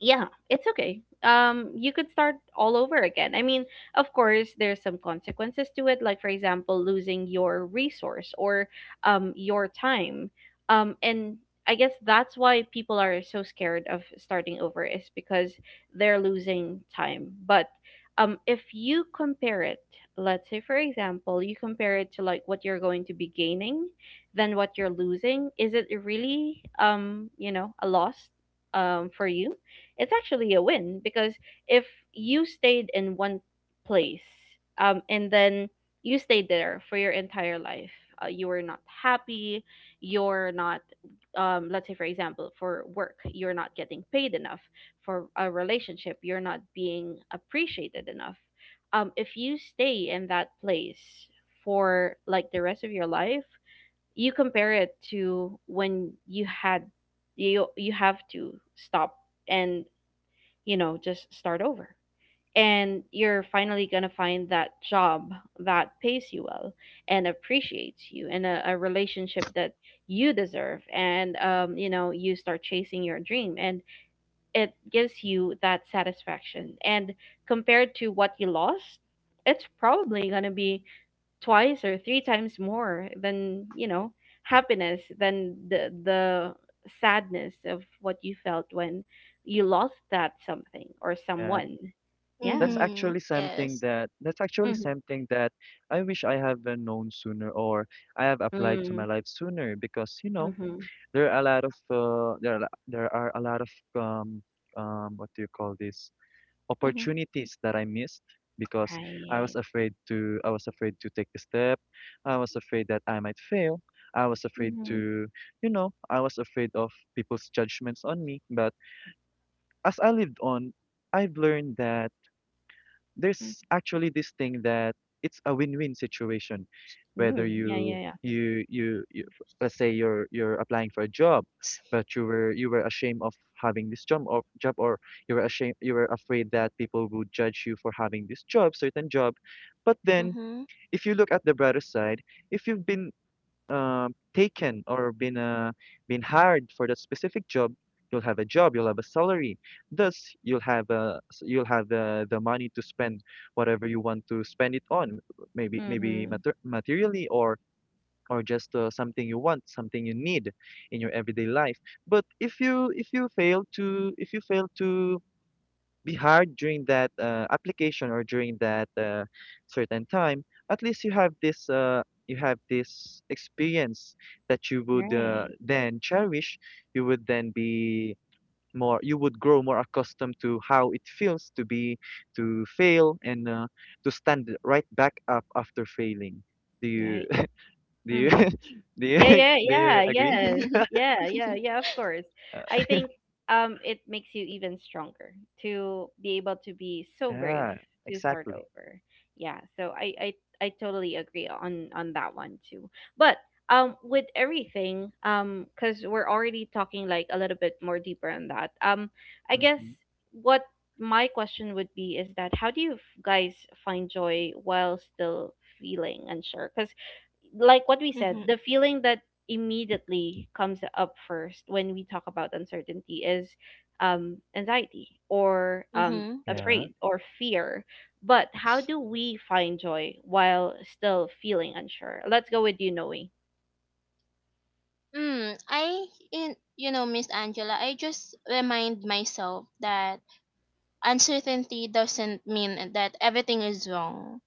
Speaker 1: yeah, it's okay. You could start all over again. I mean, of course there's some consequences to it, like, for example, losing your resource or your time. And I guess that's why people are so scared of starting over is because they're losing time. But if you compare it, let's say, for example, you compare it to like what you're going to be gaining, then what you're losing, is it really, a loss for you? It's actually a win, because if you stayed in one place, and then you stayed there for your entire life, you were not happy, you're not, let's say, for example, for work you're not getting paid enough, for a relationship you're not being appreciated enough. If you stay in that place for like the rest of your life, you compare it to when you have to stop and, just start over. And you're finally going to find that job that pays you well and appreciates you, and a relationship that you deserve. And, you start chasing your dream and it gives you that satisfaction. And compared to what you lost, it's probably going to be twice or three times more than happiness than the sadness of what you felt when you lost that something or
Speaker 2: Yeah.
Speaker 1: someone. Yeah.
Speaker 3: Mhm. Yes.
Speaker 2: That's actually
Speaker 1: Mm-hmm.
Speaker 2: something that I wish I have been known sooner, or I have applied to
Speaker 1: Mm-hmm.
Speaker 2: my life sooner, because you know,
Speaker 1: Mm-hmm.
Speaker 2: there are a lot of there are a lot of what do you call this,
Speaker 1: Mm-hmm.
Speaker 2: opportunities that I missed because
Speaker 1: Right.
Speaker 2: I was afraid to take the step, I was afraid that I might fail, I was afraid
Speaker 1: Mm-hmm.
Speaker 2: to, you know, I was afraid of people's judgments on me. But as I lived on, I've learned that there's actually this thing that it's a win-win situation. Whether
Speaker 1: Mm-hmm. Yeah, yeah, yeah.
Speaker 2: let's say you're applying for a job but you were ashamed of having this job or job or you were ashamed, you were afraid that people would judge you for having this job certain job. But then,
Speaker 3: Mhm.
Speaker 2: if you look at the brighter side, if you've been taken, or been hired for that specific job, you'll have a job, you'll have a salary. Thus, you'll have the money to spend whatever you want to spend it on. Maybe
Speaker 1: Mm-hmm.
Speaker 2: materially, or just something you want, something you need in your everyday life. But if you fail to be hard during that application, or during that certain time, at least you have this experience that you would
Speaker 1: Right,
Speaker 2: then cherish. You would then be more you would grow more accustomed to how it feels to be to fail, and to stand right back up after failing. Do you
Speaker 1: right.
Speaker 2: do you
Speaker 1: Mm-hmm.
Speaker 2: do you
Speaker 1: Yeah, yeah,
Speaker 2: do
Speaker 1: yeah,
Speaker 2: you agree?
Speaker 1: yes.
Speaker 3: Mhm.
Speaker 1: Yeah, yeah, yeah, of course.
Speaker 2: Uh,
Speaker 1: I think it makes you even stronger to be able to be so brave
Speaker 2: yeah,
Speaker 1: to start
Speaker 2: exactly.
Speaker 1: over. Yeah, so I totally agree on that one too. But with everything, cuz we're already talking like a little bit more deeper on that. I guess
Speaker 2: Hmm.
Speaker 1: what my question would be is that how do you guys find joy while still feeling unsure? Cuz like what we said, the feeling that immediately comes up first when we talk about uncertainty is, anxiety or,
Speaker 3: Mhm. Yeah.
Speaker 2: Yeah,
Speaker 1: afraid or fear. But how do we find joy while still feeling unsure? Let's go with you, Noe.
Speaker 3: Mm, I in you know, Miss Angela, I just remind myself that uncertainty doesn't mean that everything is wrong.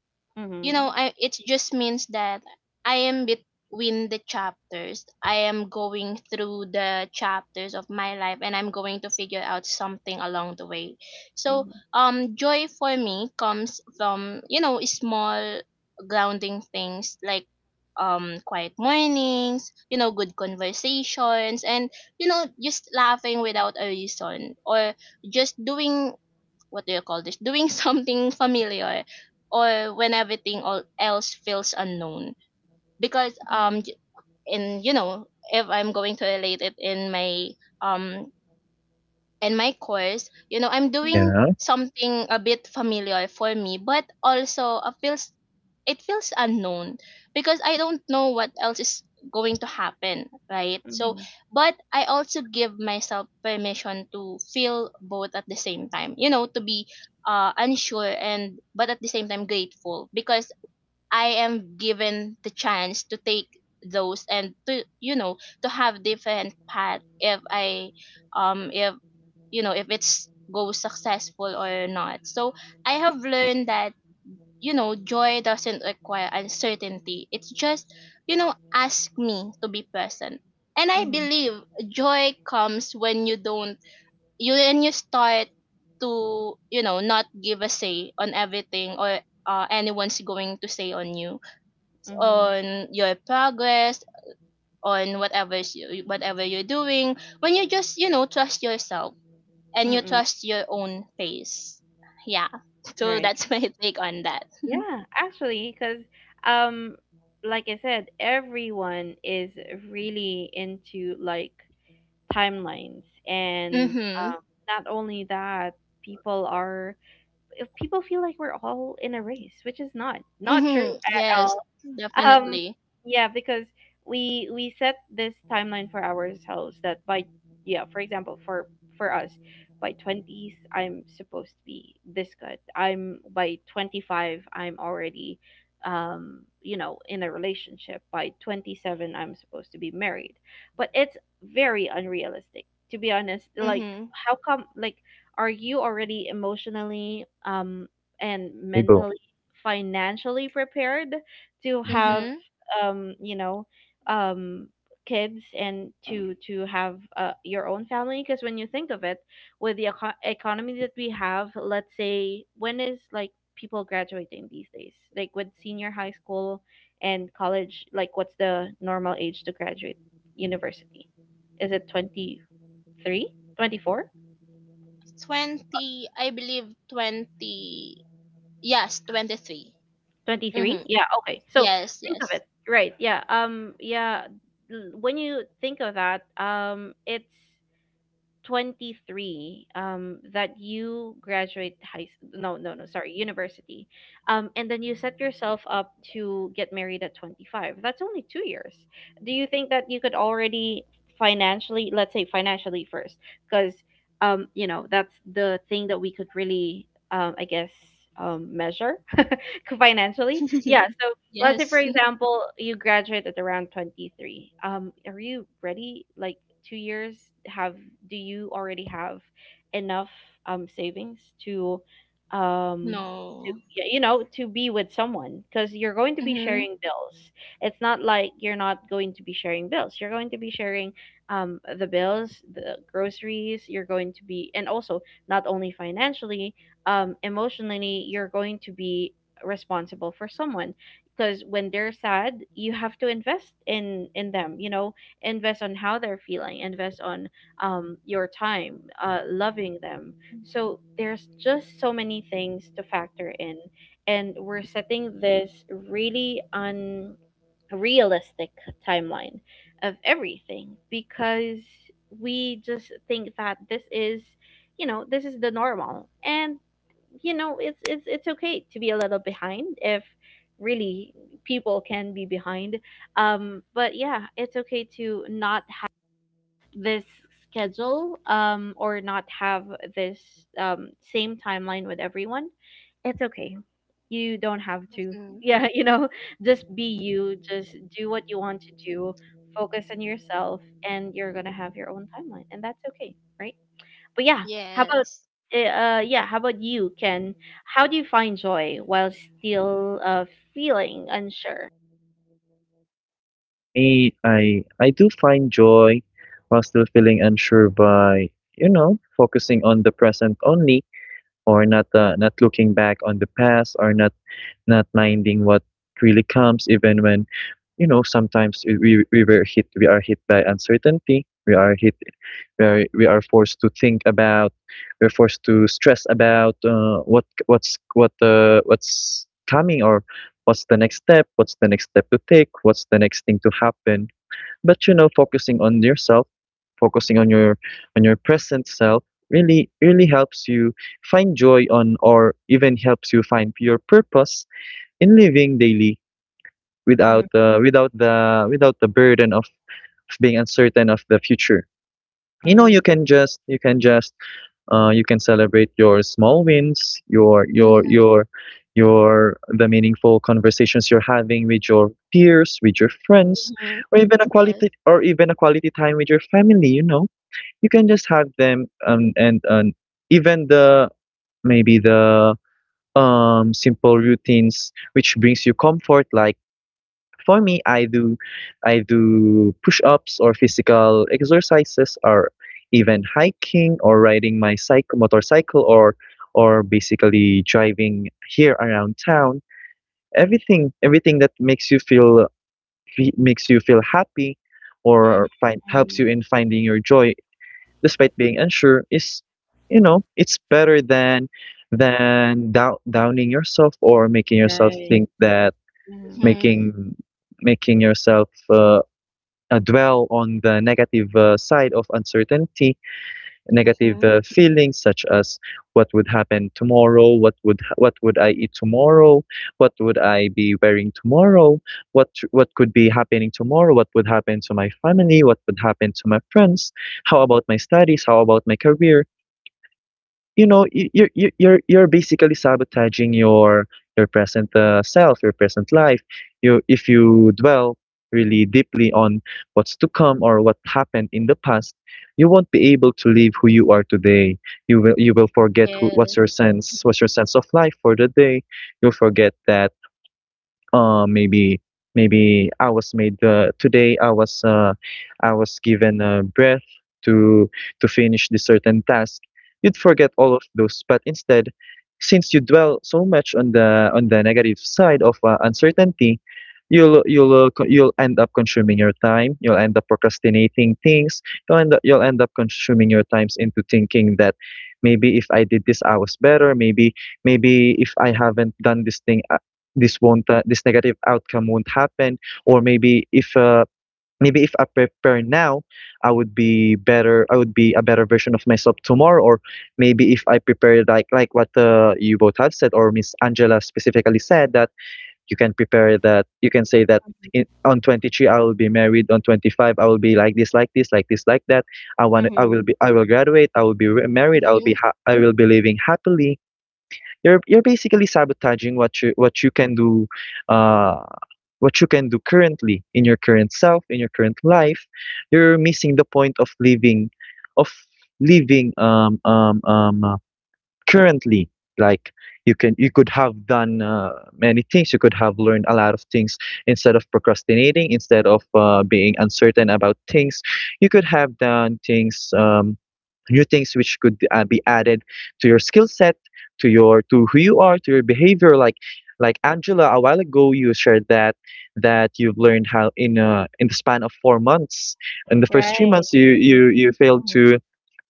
Speaker 3: You know
Speaker 1: Mm-hmm.
Speaker 3: I it just means that I am between the chapters. I am going through the chapters of my life, and I'm going to figure out something along the way. So joy for me comes from, small grounding things like quiet mornings, good conversations, and just laughing without a reason, or just doing what do you call this doing something familiar, or when everything all else feels unknown. Because
Speaker 1: Mm-hmm.
Speaker 3: j- in you know if I'm going to relate it in my um and my course, you know, I'm
Speaker 1: Mm-hmm.
Speaker 3: doing
Speaker 2: yeah.
Speaker 3: something a bit familiar for me, but also it feels. It feels unknown because I don't know what else is going to happen, right? So,
Speaker 1: Mm-hmm.
Speaker 3: but I also give myself permission to feel both at the same time. You know, to be unsure, and but at the same time grateful, because I am given the chance to take those, and to, to have different path, if I if you know if it's goes successful or not. So I have learned that, joy doesn't require uncertainty. It's just, ask me to be present. And I
Speaker 1: Mm-hmm.
Speaker 3: believe joy comes when you don't, you, when you start to, not give a say on everything, or anyone's going to say on you,
Speaker 1: Mm-hmm.
Speaker 3: on your progress, on whatever you're doing, when you just, trust yourself and you
Speaker 1: Mm-hmm.
Speaker 3: trust your own pace. Yeah. So
Speaker 1: Right.
Speaker 3: that's my take on that.
Speaker 1: Yeah, actually, because, um, like I said, everyone is really into like timelines. And,
Speaker 3: Mhm.
Speaker 1: um, not only that, people are if people feel like we're all in a race, which is not, not true
Speaker 3: Mhm.
Speaker 1: at
Speaker 3: Yes,
Speaker 1: all. Um,
Speaker 3: definitely.
Speaker 1: yeah, because we set this timeline for ourselves that by, yeah, for example, for us, by 20s I'm supposed to be this good. I'm By 25 I'm already, in a relationship. By 27 I'm supposed to be married. But it's very unrealistic, to be honest. Like,
Speaker 3: Mhm.
Speaker 1: how come, like, are you already emotionally, and
Speaker 2: Okay,
Speaker 1: mentally, financially prepared to have,
Speaker 3: Mhm.
Speaker 1: um you know um kids, and to have your own family? Because when you think of it, with the economy that we have, let's say, when is, like, people graduating these days, like with senior high school and college, like, what's the normal age to graduate university? Is it twenty three twenty four
Speaker 3: 20, I believe 20. Yes, 23.
Speaker 1: twenty three
Speaker 3: Mhm.
Speaker 1: Yeah, okay, so
Speaker 3: Yes,
Speaker 1: think of
Speaker 3: yes.
Speaker 1: it, right, yeah, yeah, when you think of that, it's 23, that you graduate no, no, no, sorry, university. And then you set yourself up to get married at 25. That's only 2 years. Do you think that you could already financially, let's say financially first, cuz that's the thing that we could really, I guess, measure financially. Yeah, so let's say, for
Speaker 3: Yes.
Speaker 1: example, you graduate at around 23. Are you ready? Like, 2 years, have do you already have enough savings um to
Speaker 3: No.
Speaker 1: to be with someone? Because you're going to be
Speaker 3: Mhm.
Speaker 1: sharing bills. It's not like you're not going to be sharing bills. You're going to be sharing the bills, the groceries. You're going to be, and also not only financially, emotionally, you're going to be responsible for someone, because when they're sad you have to invest in them, invest on how they're feeling, invest on your time loving them. So there's just so many things to factor in, and we're setting this really unrealistic timeline of everything because we just think that this is, this is the normal. And it's okay to be a little behind if really people can be behind. But yeah, it's okay to not have this schedule, or not have this, same timeline with everyone. It's okay. You don't have to.
Speaker 3: Mhm.
Speaker 1: Yeah, just be you, just do what you want to do, focus on yourself, and you're going to have your own timeline. And that's okay, right? But yeah, how about.
Speaker 3: Yes.
Speaker 1: Yeah, how about you, Ken? How do you find joy while still, feeling unsure?
Speaker 2: me, I do find joy while still feeling unsure by, you know, focusing on the present only, or not looking back on the past, or not minding what really comes. Even when, you know, sometimes we are hit by uncertainty. We are forced to think about, we're forced to stress about what's coming, or what's the next step, what's the next step to take, what's the next thing to happen. But you know, focusing on yourself, focusing on your present self, really really helps you find joy on, or even helps you find your purpose in living daily
Speaker 1: Mm,
Speaker 2: without without the burden of being uncertain of the future. You know,
Speaker 1: mm,
Speaker 2: you can just you can celebrate your small wins,
Speaker 3: Mhm.
Speaker 2: your the meaningful conversations you're having with your peers, with your friends,
Speaker 3: Mhm.
Speaker 2: or even a
Speaker 3: Yes.
Speaker 2: quality time with your family. You know, you can just have them, and even the maybe the simple routines which brings you comfort. Like for me, I do push-ups, or physical exercises, or even hiking, or riding my cycle motorcycle, or basically driving here around town. Everything that makes you makes you feel happy,
Speaker 1: mm,
Speaker 2: or find helps
Speaker 1: mm.
Speaker 2: you in finding your joy despite being unsure, is, you know, it's better than downing yourself, or making yourself
Speaker 1: Right.
Speaker 2: think that,
Speaker 1: Mhm,
Speaker 3: Mhm.
Speaker 2: making making yourself dwell on the negative side of uncertainty, negative
Speaker 3: Mhm.
Speaker 2: feelings such as what would happen tomorrow, what would I eat tomorrow, what would I be wearing tomorrow, what could be happening tomorrow, what would happen to my family, what would happen to my friends, how about my studies, how about my career. You know, you're basically sabotaging your present self, your present life. You, if you dwell really deeply on what's to come, or what happened in the past, you won't be able to live who you are today. You will forget what's your
Speaker 3: Yes.
Speaker 2: sense, what's your sense of life for the day. You'll forget that, maybe I was made, today I was, I was given a breath to finish the certain task. You'd forget all of those, but instead, since you dwell so much on the negative side of uncertainty, you'll end up consuming your time, you'll end up procrastinating things, you'll you'll end up consuming your times into thinking that maybe if I did this I was better, maybe if I haven't done this thing, this won't this negative outcome won't happen. Or maybe if I prepare now, I would be better, I would be a better version of myself tomorrow. Or maybe if I prepare like what you both have said, or Miss Angela specifically said, that you can prepare, that you can say that
Speaker 1: mhm,
Speaker 2: on 23 I will be married, on 25 I will be like this like this like this like that. I
Speaker 1: mhm.
Speaker 2: will be, I will graduate, I will be re- married,
Speaker 3: Mhm.
Speaker 2: I will be living happily. You're basically sabotaging what you can do, uh, what you can do currently in your current self, in your current life. You're missing the point of living currently. Like you can you could have done many things. You could have learned a lot of things instead of procrastinating, instead of being uncertain about things. You could have done things. New things which could be added to your skill set, to your to who you are, to your behavior. Like Angela, a while ago, you shared that you've learned how, in the span of 4 months, in the first three
Speaker 1: Right.
Speaker 2: months you
Speaker 1: Mhm,
Speaker 2: you you failed
Speaker 1: mhm,
Speaker 2: to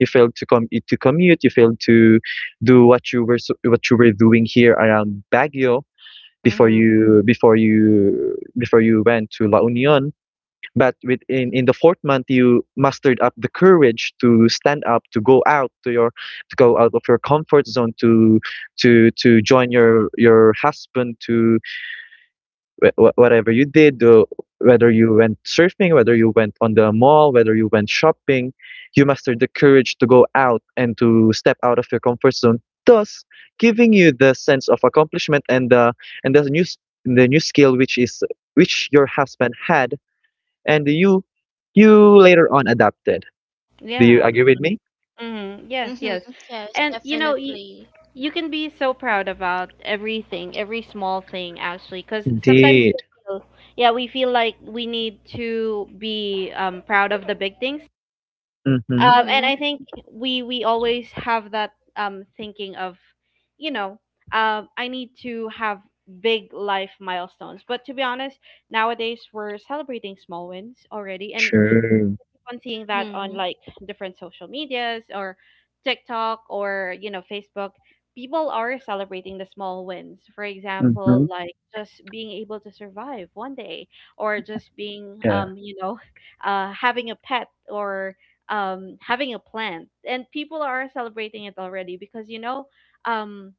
Speaker 2: come to commute, you failed to do what you were what you were doing here around Baguio before
Speaker 1: mhm.
Speaker 2: you before you before you went to La Union. But within, in the fourth month, you mustered up the courage to stand up, to go out to your, to go out of your comfort zone, to join your husband, to whatever you did, whether you went surfing, whether you went on the mall, whether you went shopping, you mustered the courage to go out and to step out of your comfort zone, thus giving you the sense of accomplishment, and the new the new skill, which is which your husband had, and you later on adapted. Do you
Speaker 1: Yeah.
Speaker 2: agree with me?
Speaker 1: Mhm, mhm. Yes,
Speaker 3: Mhm.
Speaker 1: yes.
Speaker 3: Yes,
Speaker 1: And
Speaker 3: definitely.
Speaker 1: you can be so proud about everything, every small thing actually, because sometimes
Speaker 2: Indeed.
Speaker 1: we feel, yeah, we feel like we need to be, proud of the big things,
Speaker 2: Mm-hmm.
Speaker 1: and
Speaker 3: Mhm.
Speaker 1: I think we always have that, thinking of, you know, I need to have big life milestones. But to be honest, nowadays we're celebrating small wins already, and
Speaker 2: True.
Speaker 1: on seeing that on,
Speaker 3: Mhm.
Speaker 1: like, different social medias or TikTok or, Facebook, people are celebrating the small wins. For example,
Speaker 2: Mm-hmm.
Speaker 1: like, just being able to survive one day, or just being,
Speaker 2: Yeah.
Speaker 1: having a pet or having a plant, and people are celebrating it already because, um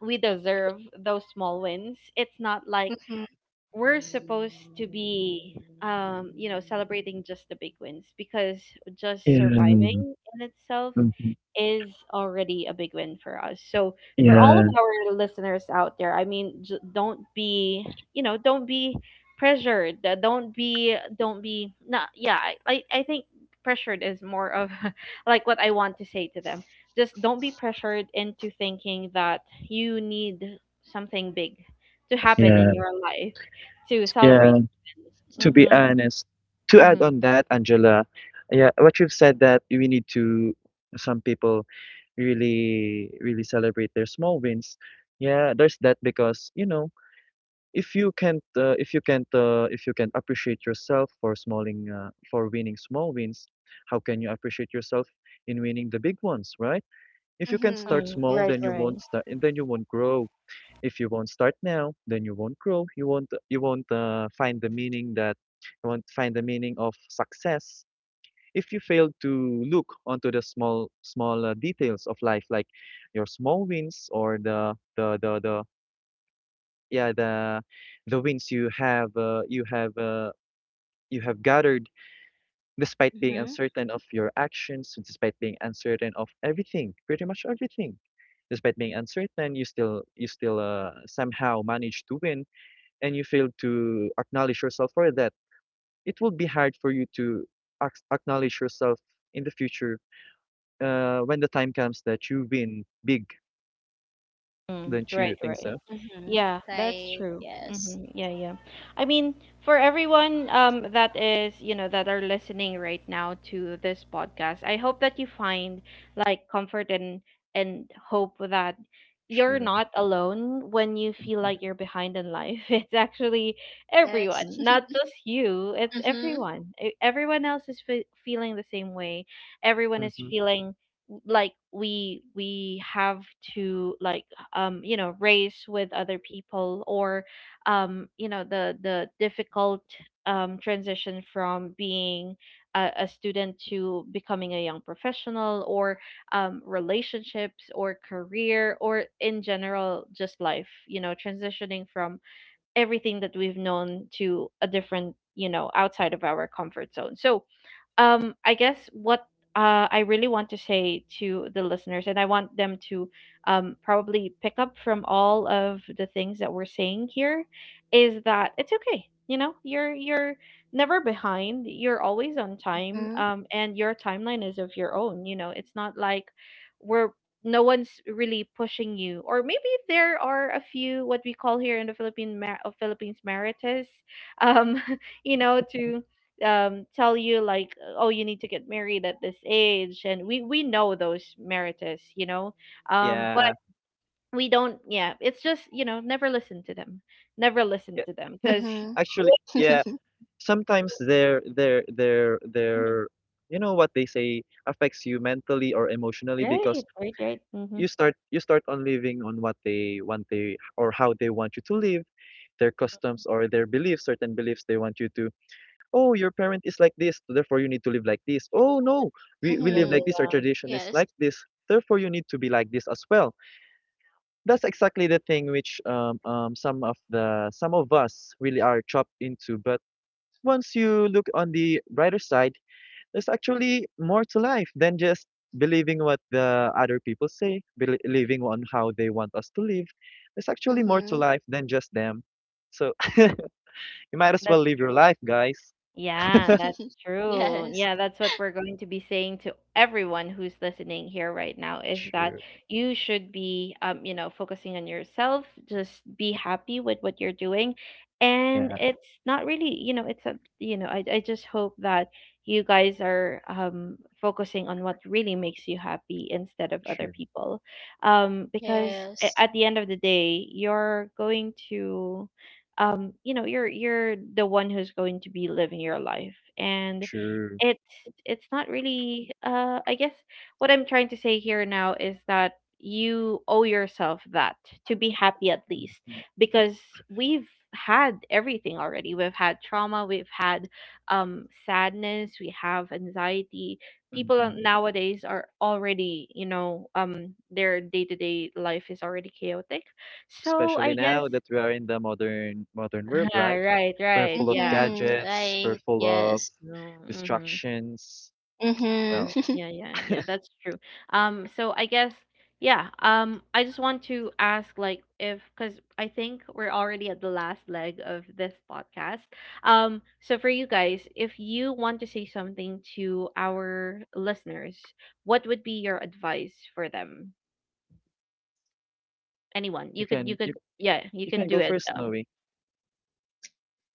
Speaker 1: we deserve those small wins. It's not like
Speaker 3: Mhm,
Speaker 1: we're supposed to be, celebrating just the big wins, because just
Speaker 2: Yeah.
Speaker 1: surviving in itself
Speaker 2: Mm-hmm.
Speaker 1: is already a big win for us. So for all of
Speaker 2: Yeah.
Speaker 1: our listeners out there, I mean, don't be, don't be pressured. Don't be, not, yeah, I think pressured is more of like what I want to say to them. Just don't be pressured into thinking that you need something big to happen in
Speaker 2: Yeah.
Speaker 1: your life to celebrate.
Speaker 2: Yeah.
Speaker 3: mhm,
Speaker 2: To be
Speaker 1: Mm-hmm.
Speaker 2: honest, to add
Speaker 1: Mm-hmm.
Speaker 2: on that, Angela, yeah, what you've said that we need to, some people really, really celebrate their small wins. Yeah, there's that because, you know, if you can't if you can't appreciate yourself for smalling for winning small wins, how can you appreciate yourself in winning the big ones, right? If you can not
Speaker 3: mhm.
Speaker 2: start
Speaker 1: Mm,
Speaker 2: small,
Speaker 1: right,
Speaker 2: then you
Speaker 3: Yes.
Speaker 1: right.
Speaker 2: won't start, and then you won't grow. If you won't start now, then you won't grow, you won't find the meaning that, you won't find the meaning of success if you fail to look onto the small small details of life, like your small wins, or the yeah the the wins you have you have gathered, despite being
Speaker 3: Mhm,
Speaker 2: uncertain of your actions, despite being uncertain of everything, pretty much everything. Despite being uncertain, you still somehow manage to win, and you fail to acknowledge yourself for that. It will be hard for you to acknowledge yourself in the future when the time comes that you win big.
Speaker 1: Mm,
Speaker 2: Don't you
Speaker 1: right,
Speaker 2: think
Speaker 1: right.
Speaker 2: so?
Speaker 3: mhm.
Speaker 1: Yeah, that's
Speaker 3: Right.
Speaker 1: true.
Speaker 3: Yes.
Speaker 1: Hmm. Yeah, yeah. I mean, for everyone that is, you know, that are listening right now to this podcast, I hope that you find like comfort and and hope that you're
Speaker 2: True.
Speaker 1: not alone when you feel
Speaker 2: Hmm.
Speaker 1: like you're behind in life. It's actually
Speaker 3: Yes.
Speaker 1: everyone, not just you. It's
Speaker 3: Mhm,
Speaker 1: everyone. Everyone else is fe feeling the same way. Everyone is
Speaker 2: Hmm.
Speaker 1: feeling like we have to like you know race with other people or you know the difficult transition from being a student to becoming a young professional or relationships or career or in general just life you know transitioning from everything that we've known to a different you know outside of our comfort zone. I guess what I really want to say to the listeners, and I want them to probably pick up from all of the things that we're saying here, is that it's okay. You know, you're never behind, you're always on time.
Speaker 3: mhm,
Speaker 1: And your timeline is of your own, you know? It's not like we're no one's really pushing you. Or maybe there are a few, what we call here in the philippines, meritus um you know, to tell you like, oh, you need to get married at this age. And we know those marriages, you know? But
Speaker 2: Yeah.
Speaker 1: we don't. Yeah, it's just, you know, never listen to them. Never listen
Speaker 2: Yeah.
Speaker 1: to them, because
Speaker 3: mhm.
Speaker 2: Actually, yeah. Sometimes their
Speaker 1: right,
Speaker 2: you know, what they say affects you mentally or emotionally, because
Speaker 1: right, right, right, mm-hmm.
Speaker 2: you start on living on what they want, they, or how they want you to live, their customs or their beliefs, certain beliefs they want you to, oh, your parent is like this, therefore you need to live like this. Oh no, we
Speaker 1: Yeah,
Speaker 2: live
Speaker 1: yeah,
Speaker 2: like
Speaker 3: Mhm.
Speaker 2: this, our
Speaker 1: yeah,
Speaker 2: tradition is
Speaker 3: Yes.
Speaker 2: like this, therefore you need to be like this as well. That's exactly the thing which some of the some of us really are trapped into. But once you look on the brighter side, there's actually more to life than just believing what the other people say, believing on how they want us to live. There's actually more to
Speaker 3: Mhm.
Speaker 2: life than just them. So you might as well
Speaker 1: that's
Speaker 2: live
Speaker 1: true.
Speaker 2: your life, guys.
Speaker 1: Yeah, that's true.
Speaker 3: Yes.
Speaker 1: Yeah, that's what we're going to be saying to everyone who's listening here right now, is that
Speaker 2: True.
Speaker 1: you should be you know, focusing on yourself, just be happy with what you're doing. And
Speaker 2: Yeah,
Speaker 1: it's not really, you know, it's a, you know, I just hope that you guys are focusing on what really makes you happy instead of other
Speaker 2: true.
Speaker 1: people. Because
Speaker 3: Yes.
Speaker 1: at the end of the day, you're going to you know, you're the one who's going to be living your life. And
Speaker 2: True.
Speaker 1: it's it's not really, I guess what I'm trying to say here now is that you owe yourself that, to be happy, at least. Because we've had everything already. We've had trauma, we've had sadness, we have anxiety. People
Speaker 2: Mhm.
Speaker 1: nowadays are already, you know, their day-to-day life is already chaotic. So
Speaker 2: Especially
Speaker 1: I guess,
Speaker 2: now that we are in the modern modern world,
Speaker 1: ah,
Speaker 2: right?
Speaker 1: right,
Speaker 2: We're
Speaker 1: right.
Speaker 2: full of
Speaker 1: Yeah.
Speaker 3: Mhm.
Speaker 2: gadgets, we're
Speaker 3: Right.
Speaker 2: full of
Speaker 3: Yes.
Speaker 1: No. Mm-hmm.
Speaker 2: distractions.
Speaker 3: Mhm.
Speaker 1: hmm
Speaker 2: Well,
Speaker 1: Yeah, yeah, yeah. That's true. So I guess, yeah. I just want to ask, like, if, because I think we're already at the last leg of this podcast. So for you guys, if you want to say something to our listeners, what would be your advice for them? Anyone?
Speaker 2: you can you
Speaker 1: Yeah, you
Speaker 2: you
Speaker 1: can
Speaker 2: can
Speaker 1: do
Speaker 2: go
Speaker 1: it.
Speaker 2: first, Noe.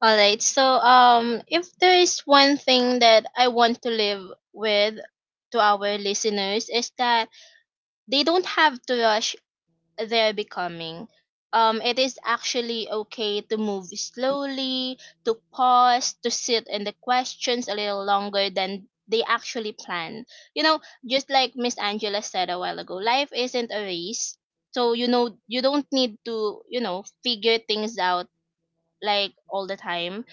Speaker 3: All right. So, if there is one thing that I want to live with to our listeners is that they don't have to rush they're becoming. It is actually okay to move slowly, to pause, to sit in the questions a little longer than they actually plan. You know, just like Miss Angela said a while ago, life isn't a race. So you don't need to, figure things out like all the time.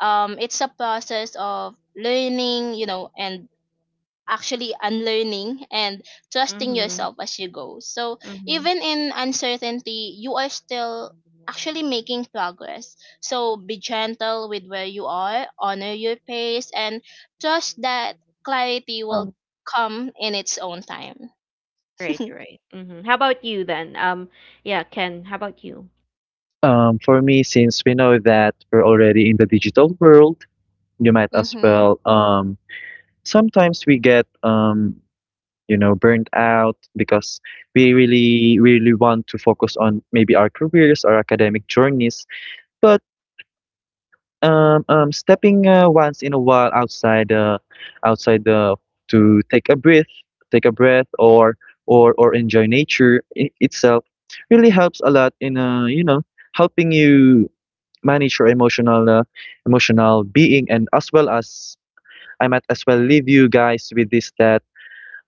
Speaker 3: It's a process of learning, and actually unlearning, and trusting
Speaker 1: Mm-hmm.
Speaker 3: yourself as you go. So
Speaker 1: Mm-hmm.
Speaker 3: even in uncertainty you are still actually making progress. So be gentle with where you are, honor your pace, and trust that clarity will come in its own time.
Speaker 1: Right, right. Mm-hmm. How about you then? Yeah, Ken, how about you?
Speaker 2: For me, since we know that we're already in the digital world, you might as
Speaker 3: Mhm.
Speaker 2: well. Sometimes we get, you know, burnt out because we really, really want to focus on maybe our careers or academic journeys. But stepping once in a while outside, outside the, to take a breath, take a breath, or or enjoy itself, really helps a lot in, you know, helping you manage your emotional emotional being, and as well as, I might as well leave you guys with this, that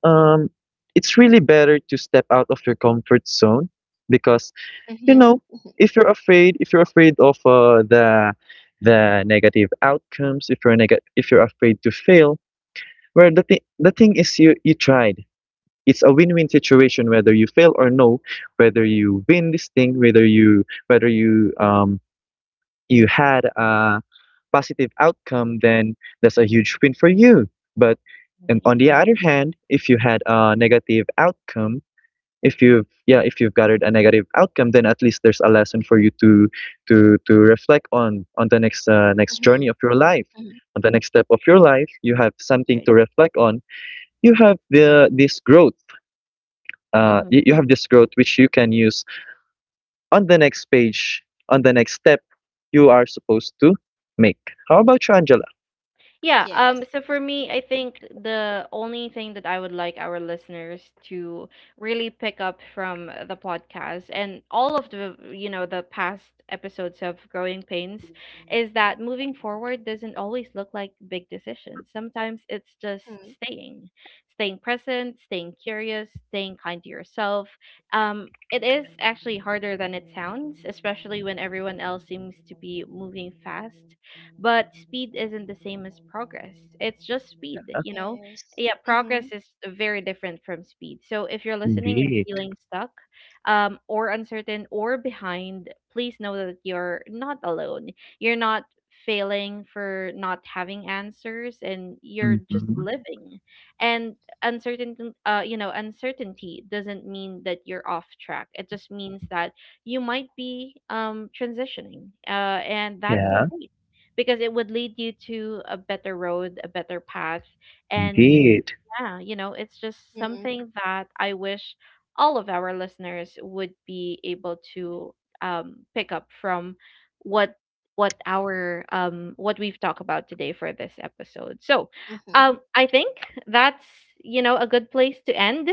Speaker 2: um, it's really better to step out of your comfort zone, because you
Speaker 3: Mhm.
Speaker 2: know,
Speaker 3: Mhm.
Speaker 2: if you're afraid of the negative outcomes. If you're afraid to fail, well, the thing is, you tried. It's a win-win situation, whether you fail or no, whether you win this thing, whether you you had a positive outcome, then that's a huge win for you. But, and on
Speaker 1: Mm-hmm.
Speaker 2: the other hand, if you had a negative outcome, if you've gathered a negative outcome, then at least there's a lesson for you to reflect on the next next
Speaker 3: Mhm.
Speaker 2: journey of your life,
Speaker 3: Mhm.
Speaker 2: on the next step of your life. You have something
Speaker 1: Right.
Speaker 2: to reflect on. You have the this growth.
Speaker 1: Mm-hmm.
Speaker 2: You have this growth which you can use on the next page, on the next step you are supposed to make. How about you, Angela?
Speaker 1: Yeah,
Speaker 3: Yes.
Speaker 1: so for me, I think the only thing that I would like our listeners to really pick up from the podcast and all of the, you know, the past episodes of Growing Pains, is that moving forward doesn't always look like big decisions. Sometimes it's just
Speaker 3: Mhm.
Speaker 1: staying, staying present, staying curious, staying kind to yourself. Um, it is actually harder than it sounds, especially when everyone else seems to be moving fast, but speed isn't the same as progress. It's just speed, you know?
Speaker 3: Yes.
Speaker 1: Yeah, progress
Speaker 3: Mhm.
Speaker 1: is very different from speed. So if you're listening and
Speaker 2: Indeed.
Speaker 1: feeling stuck, or uncertain, or behind, please know that you're not alone. You're not failing for not having answers, and you're just
Speaker 2: Mhm.
Speaker 1: living and uncertain. You know, uncertainty doesn't mean that you're off track, it just means that you might be transitioning, and that's
Speaker 2: Yeah,
Speaker 1: okay, because it would lead you to a better road, a better path. And
Speaker 2: indeed.
Speaker 1: yeah, you know, it's just
Speaker 3: Mhm.
Speaker 1: something that I wish all of our listeners would be able to pick up from what what our what we've talked about today for this episode. So,
Speaker 3: Mhm.
Speaker 1: I think that's, you know, a good place to end.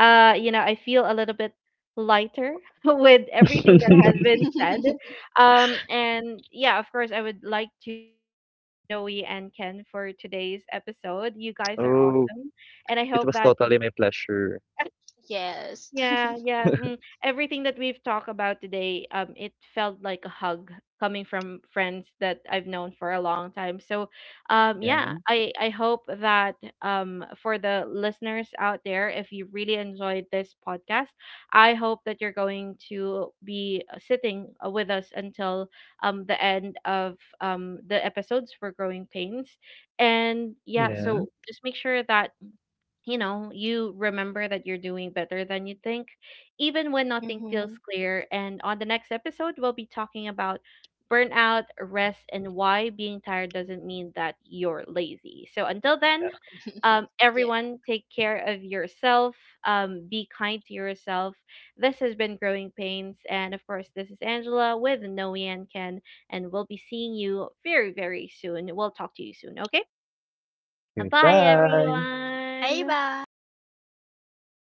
Speaker 1: You know, I feel a little bit lighter with everything that has been said. And yeah, of course, I would like to thank you, Noe and Ken, for today's episode. You guys are
Speaker 2: Oh,
Speaker 1: awesome, and I
Speaker 2: it
Speaker 1: hope
Speaker 2: was
Speaker 1: that
Speaker 2: totally
Speaker 1: y-
Speaker 2: my pleasure.
Speaker 3: Yes.
Speaker 1: yeah, yeah, mm, everything that we've talked about today, it felt like a hug coming from friends that I've known for a long time. So,
Speaker 2: Yeah,
Speaker 1: yeah, I hope that for the listeners out there, if you really enjoyed this podcast, I hope that you're going to be sitting with us until the end of the episodes for Growing Pains. And yeah,
Speaker 2: yeah.
Speaker 1: so just make sure that you know, you remember that you're doing better than you think, even when nothing feels
Speaker 3: Mhm.
Speaker 1: clear. And on the next episode, we'll be talking about burnout, rest, and why being tired doesn't mean that you're lazy. So until then,
Speaker 3: Yeah.
Speaker 1: everyone, take care of yourself. Be kind to yourself. This has been Growing Pains. And of course, this is Angela with Noe and Ken. And we'll be seeing you very, very soon. We'll talk to you soon. Okay? Bye,
Speaker 2: Goodbye.
Speaker 3: Bye
Speaker 1: everyone.
Speaker 3: bye.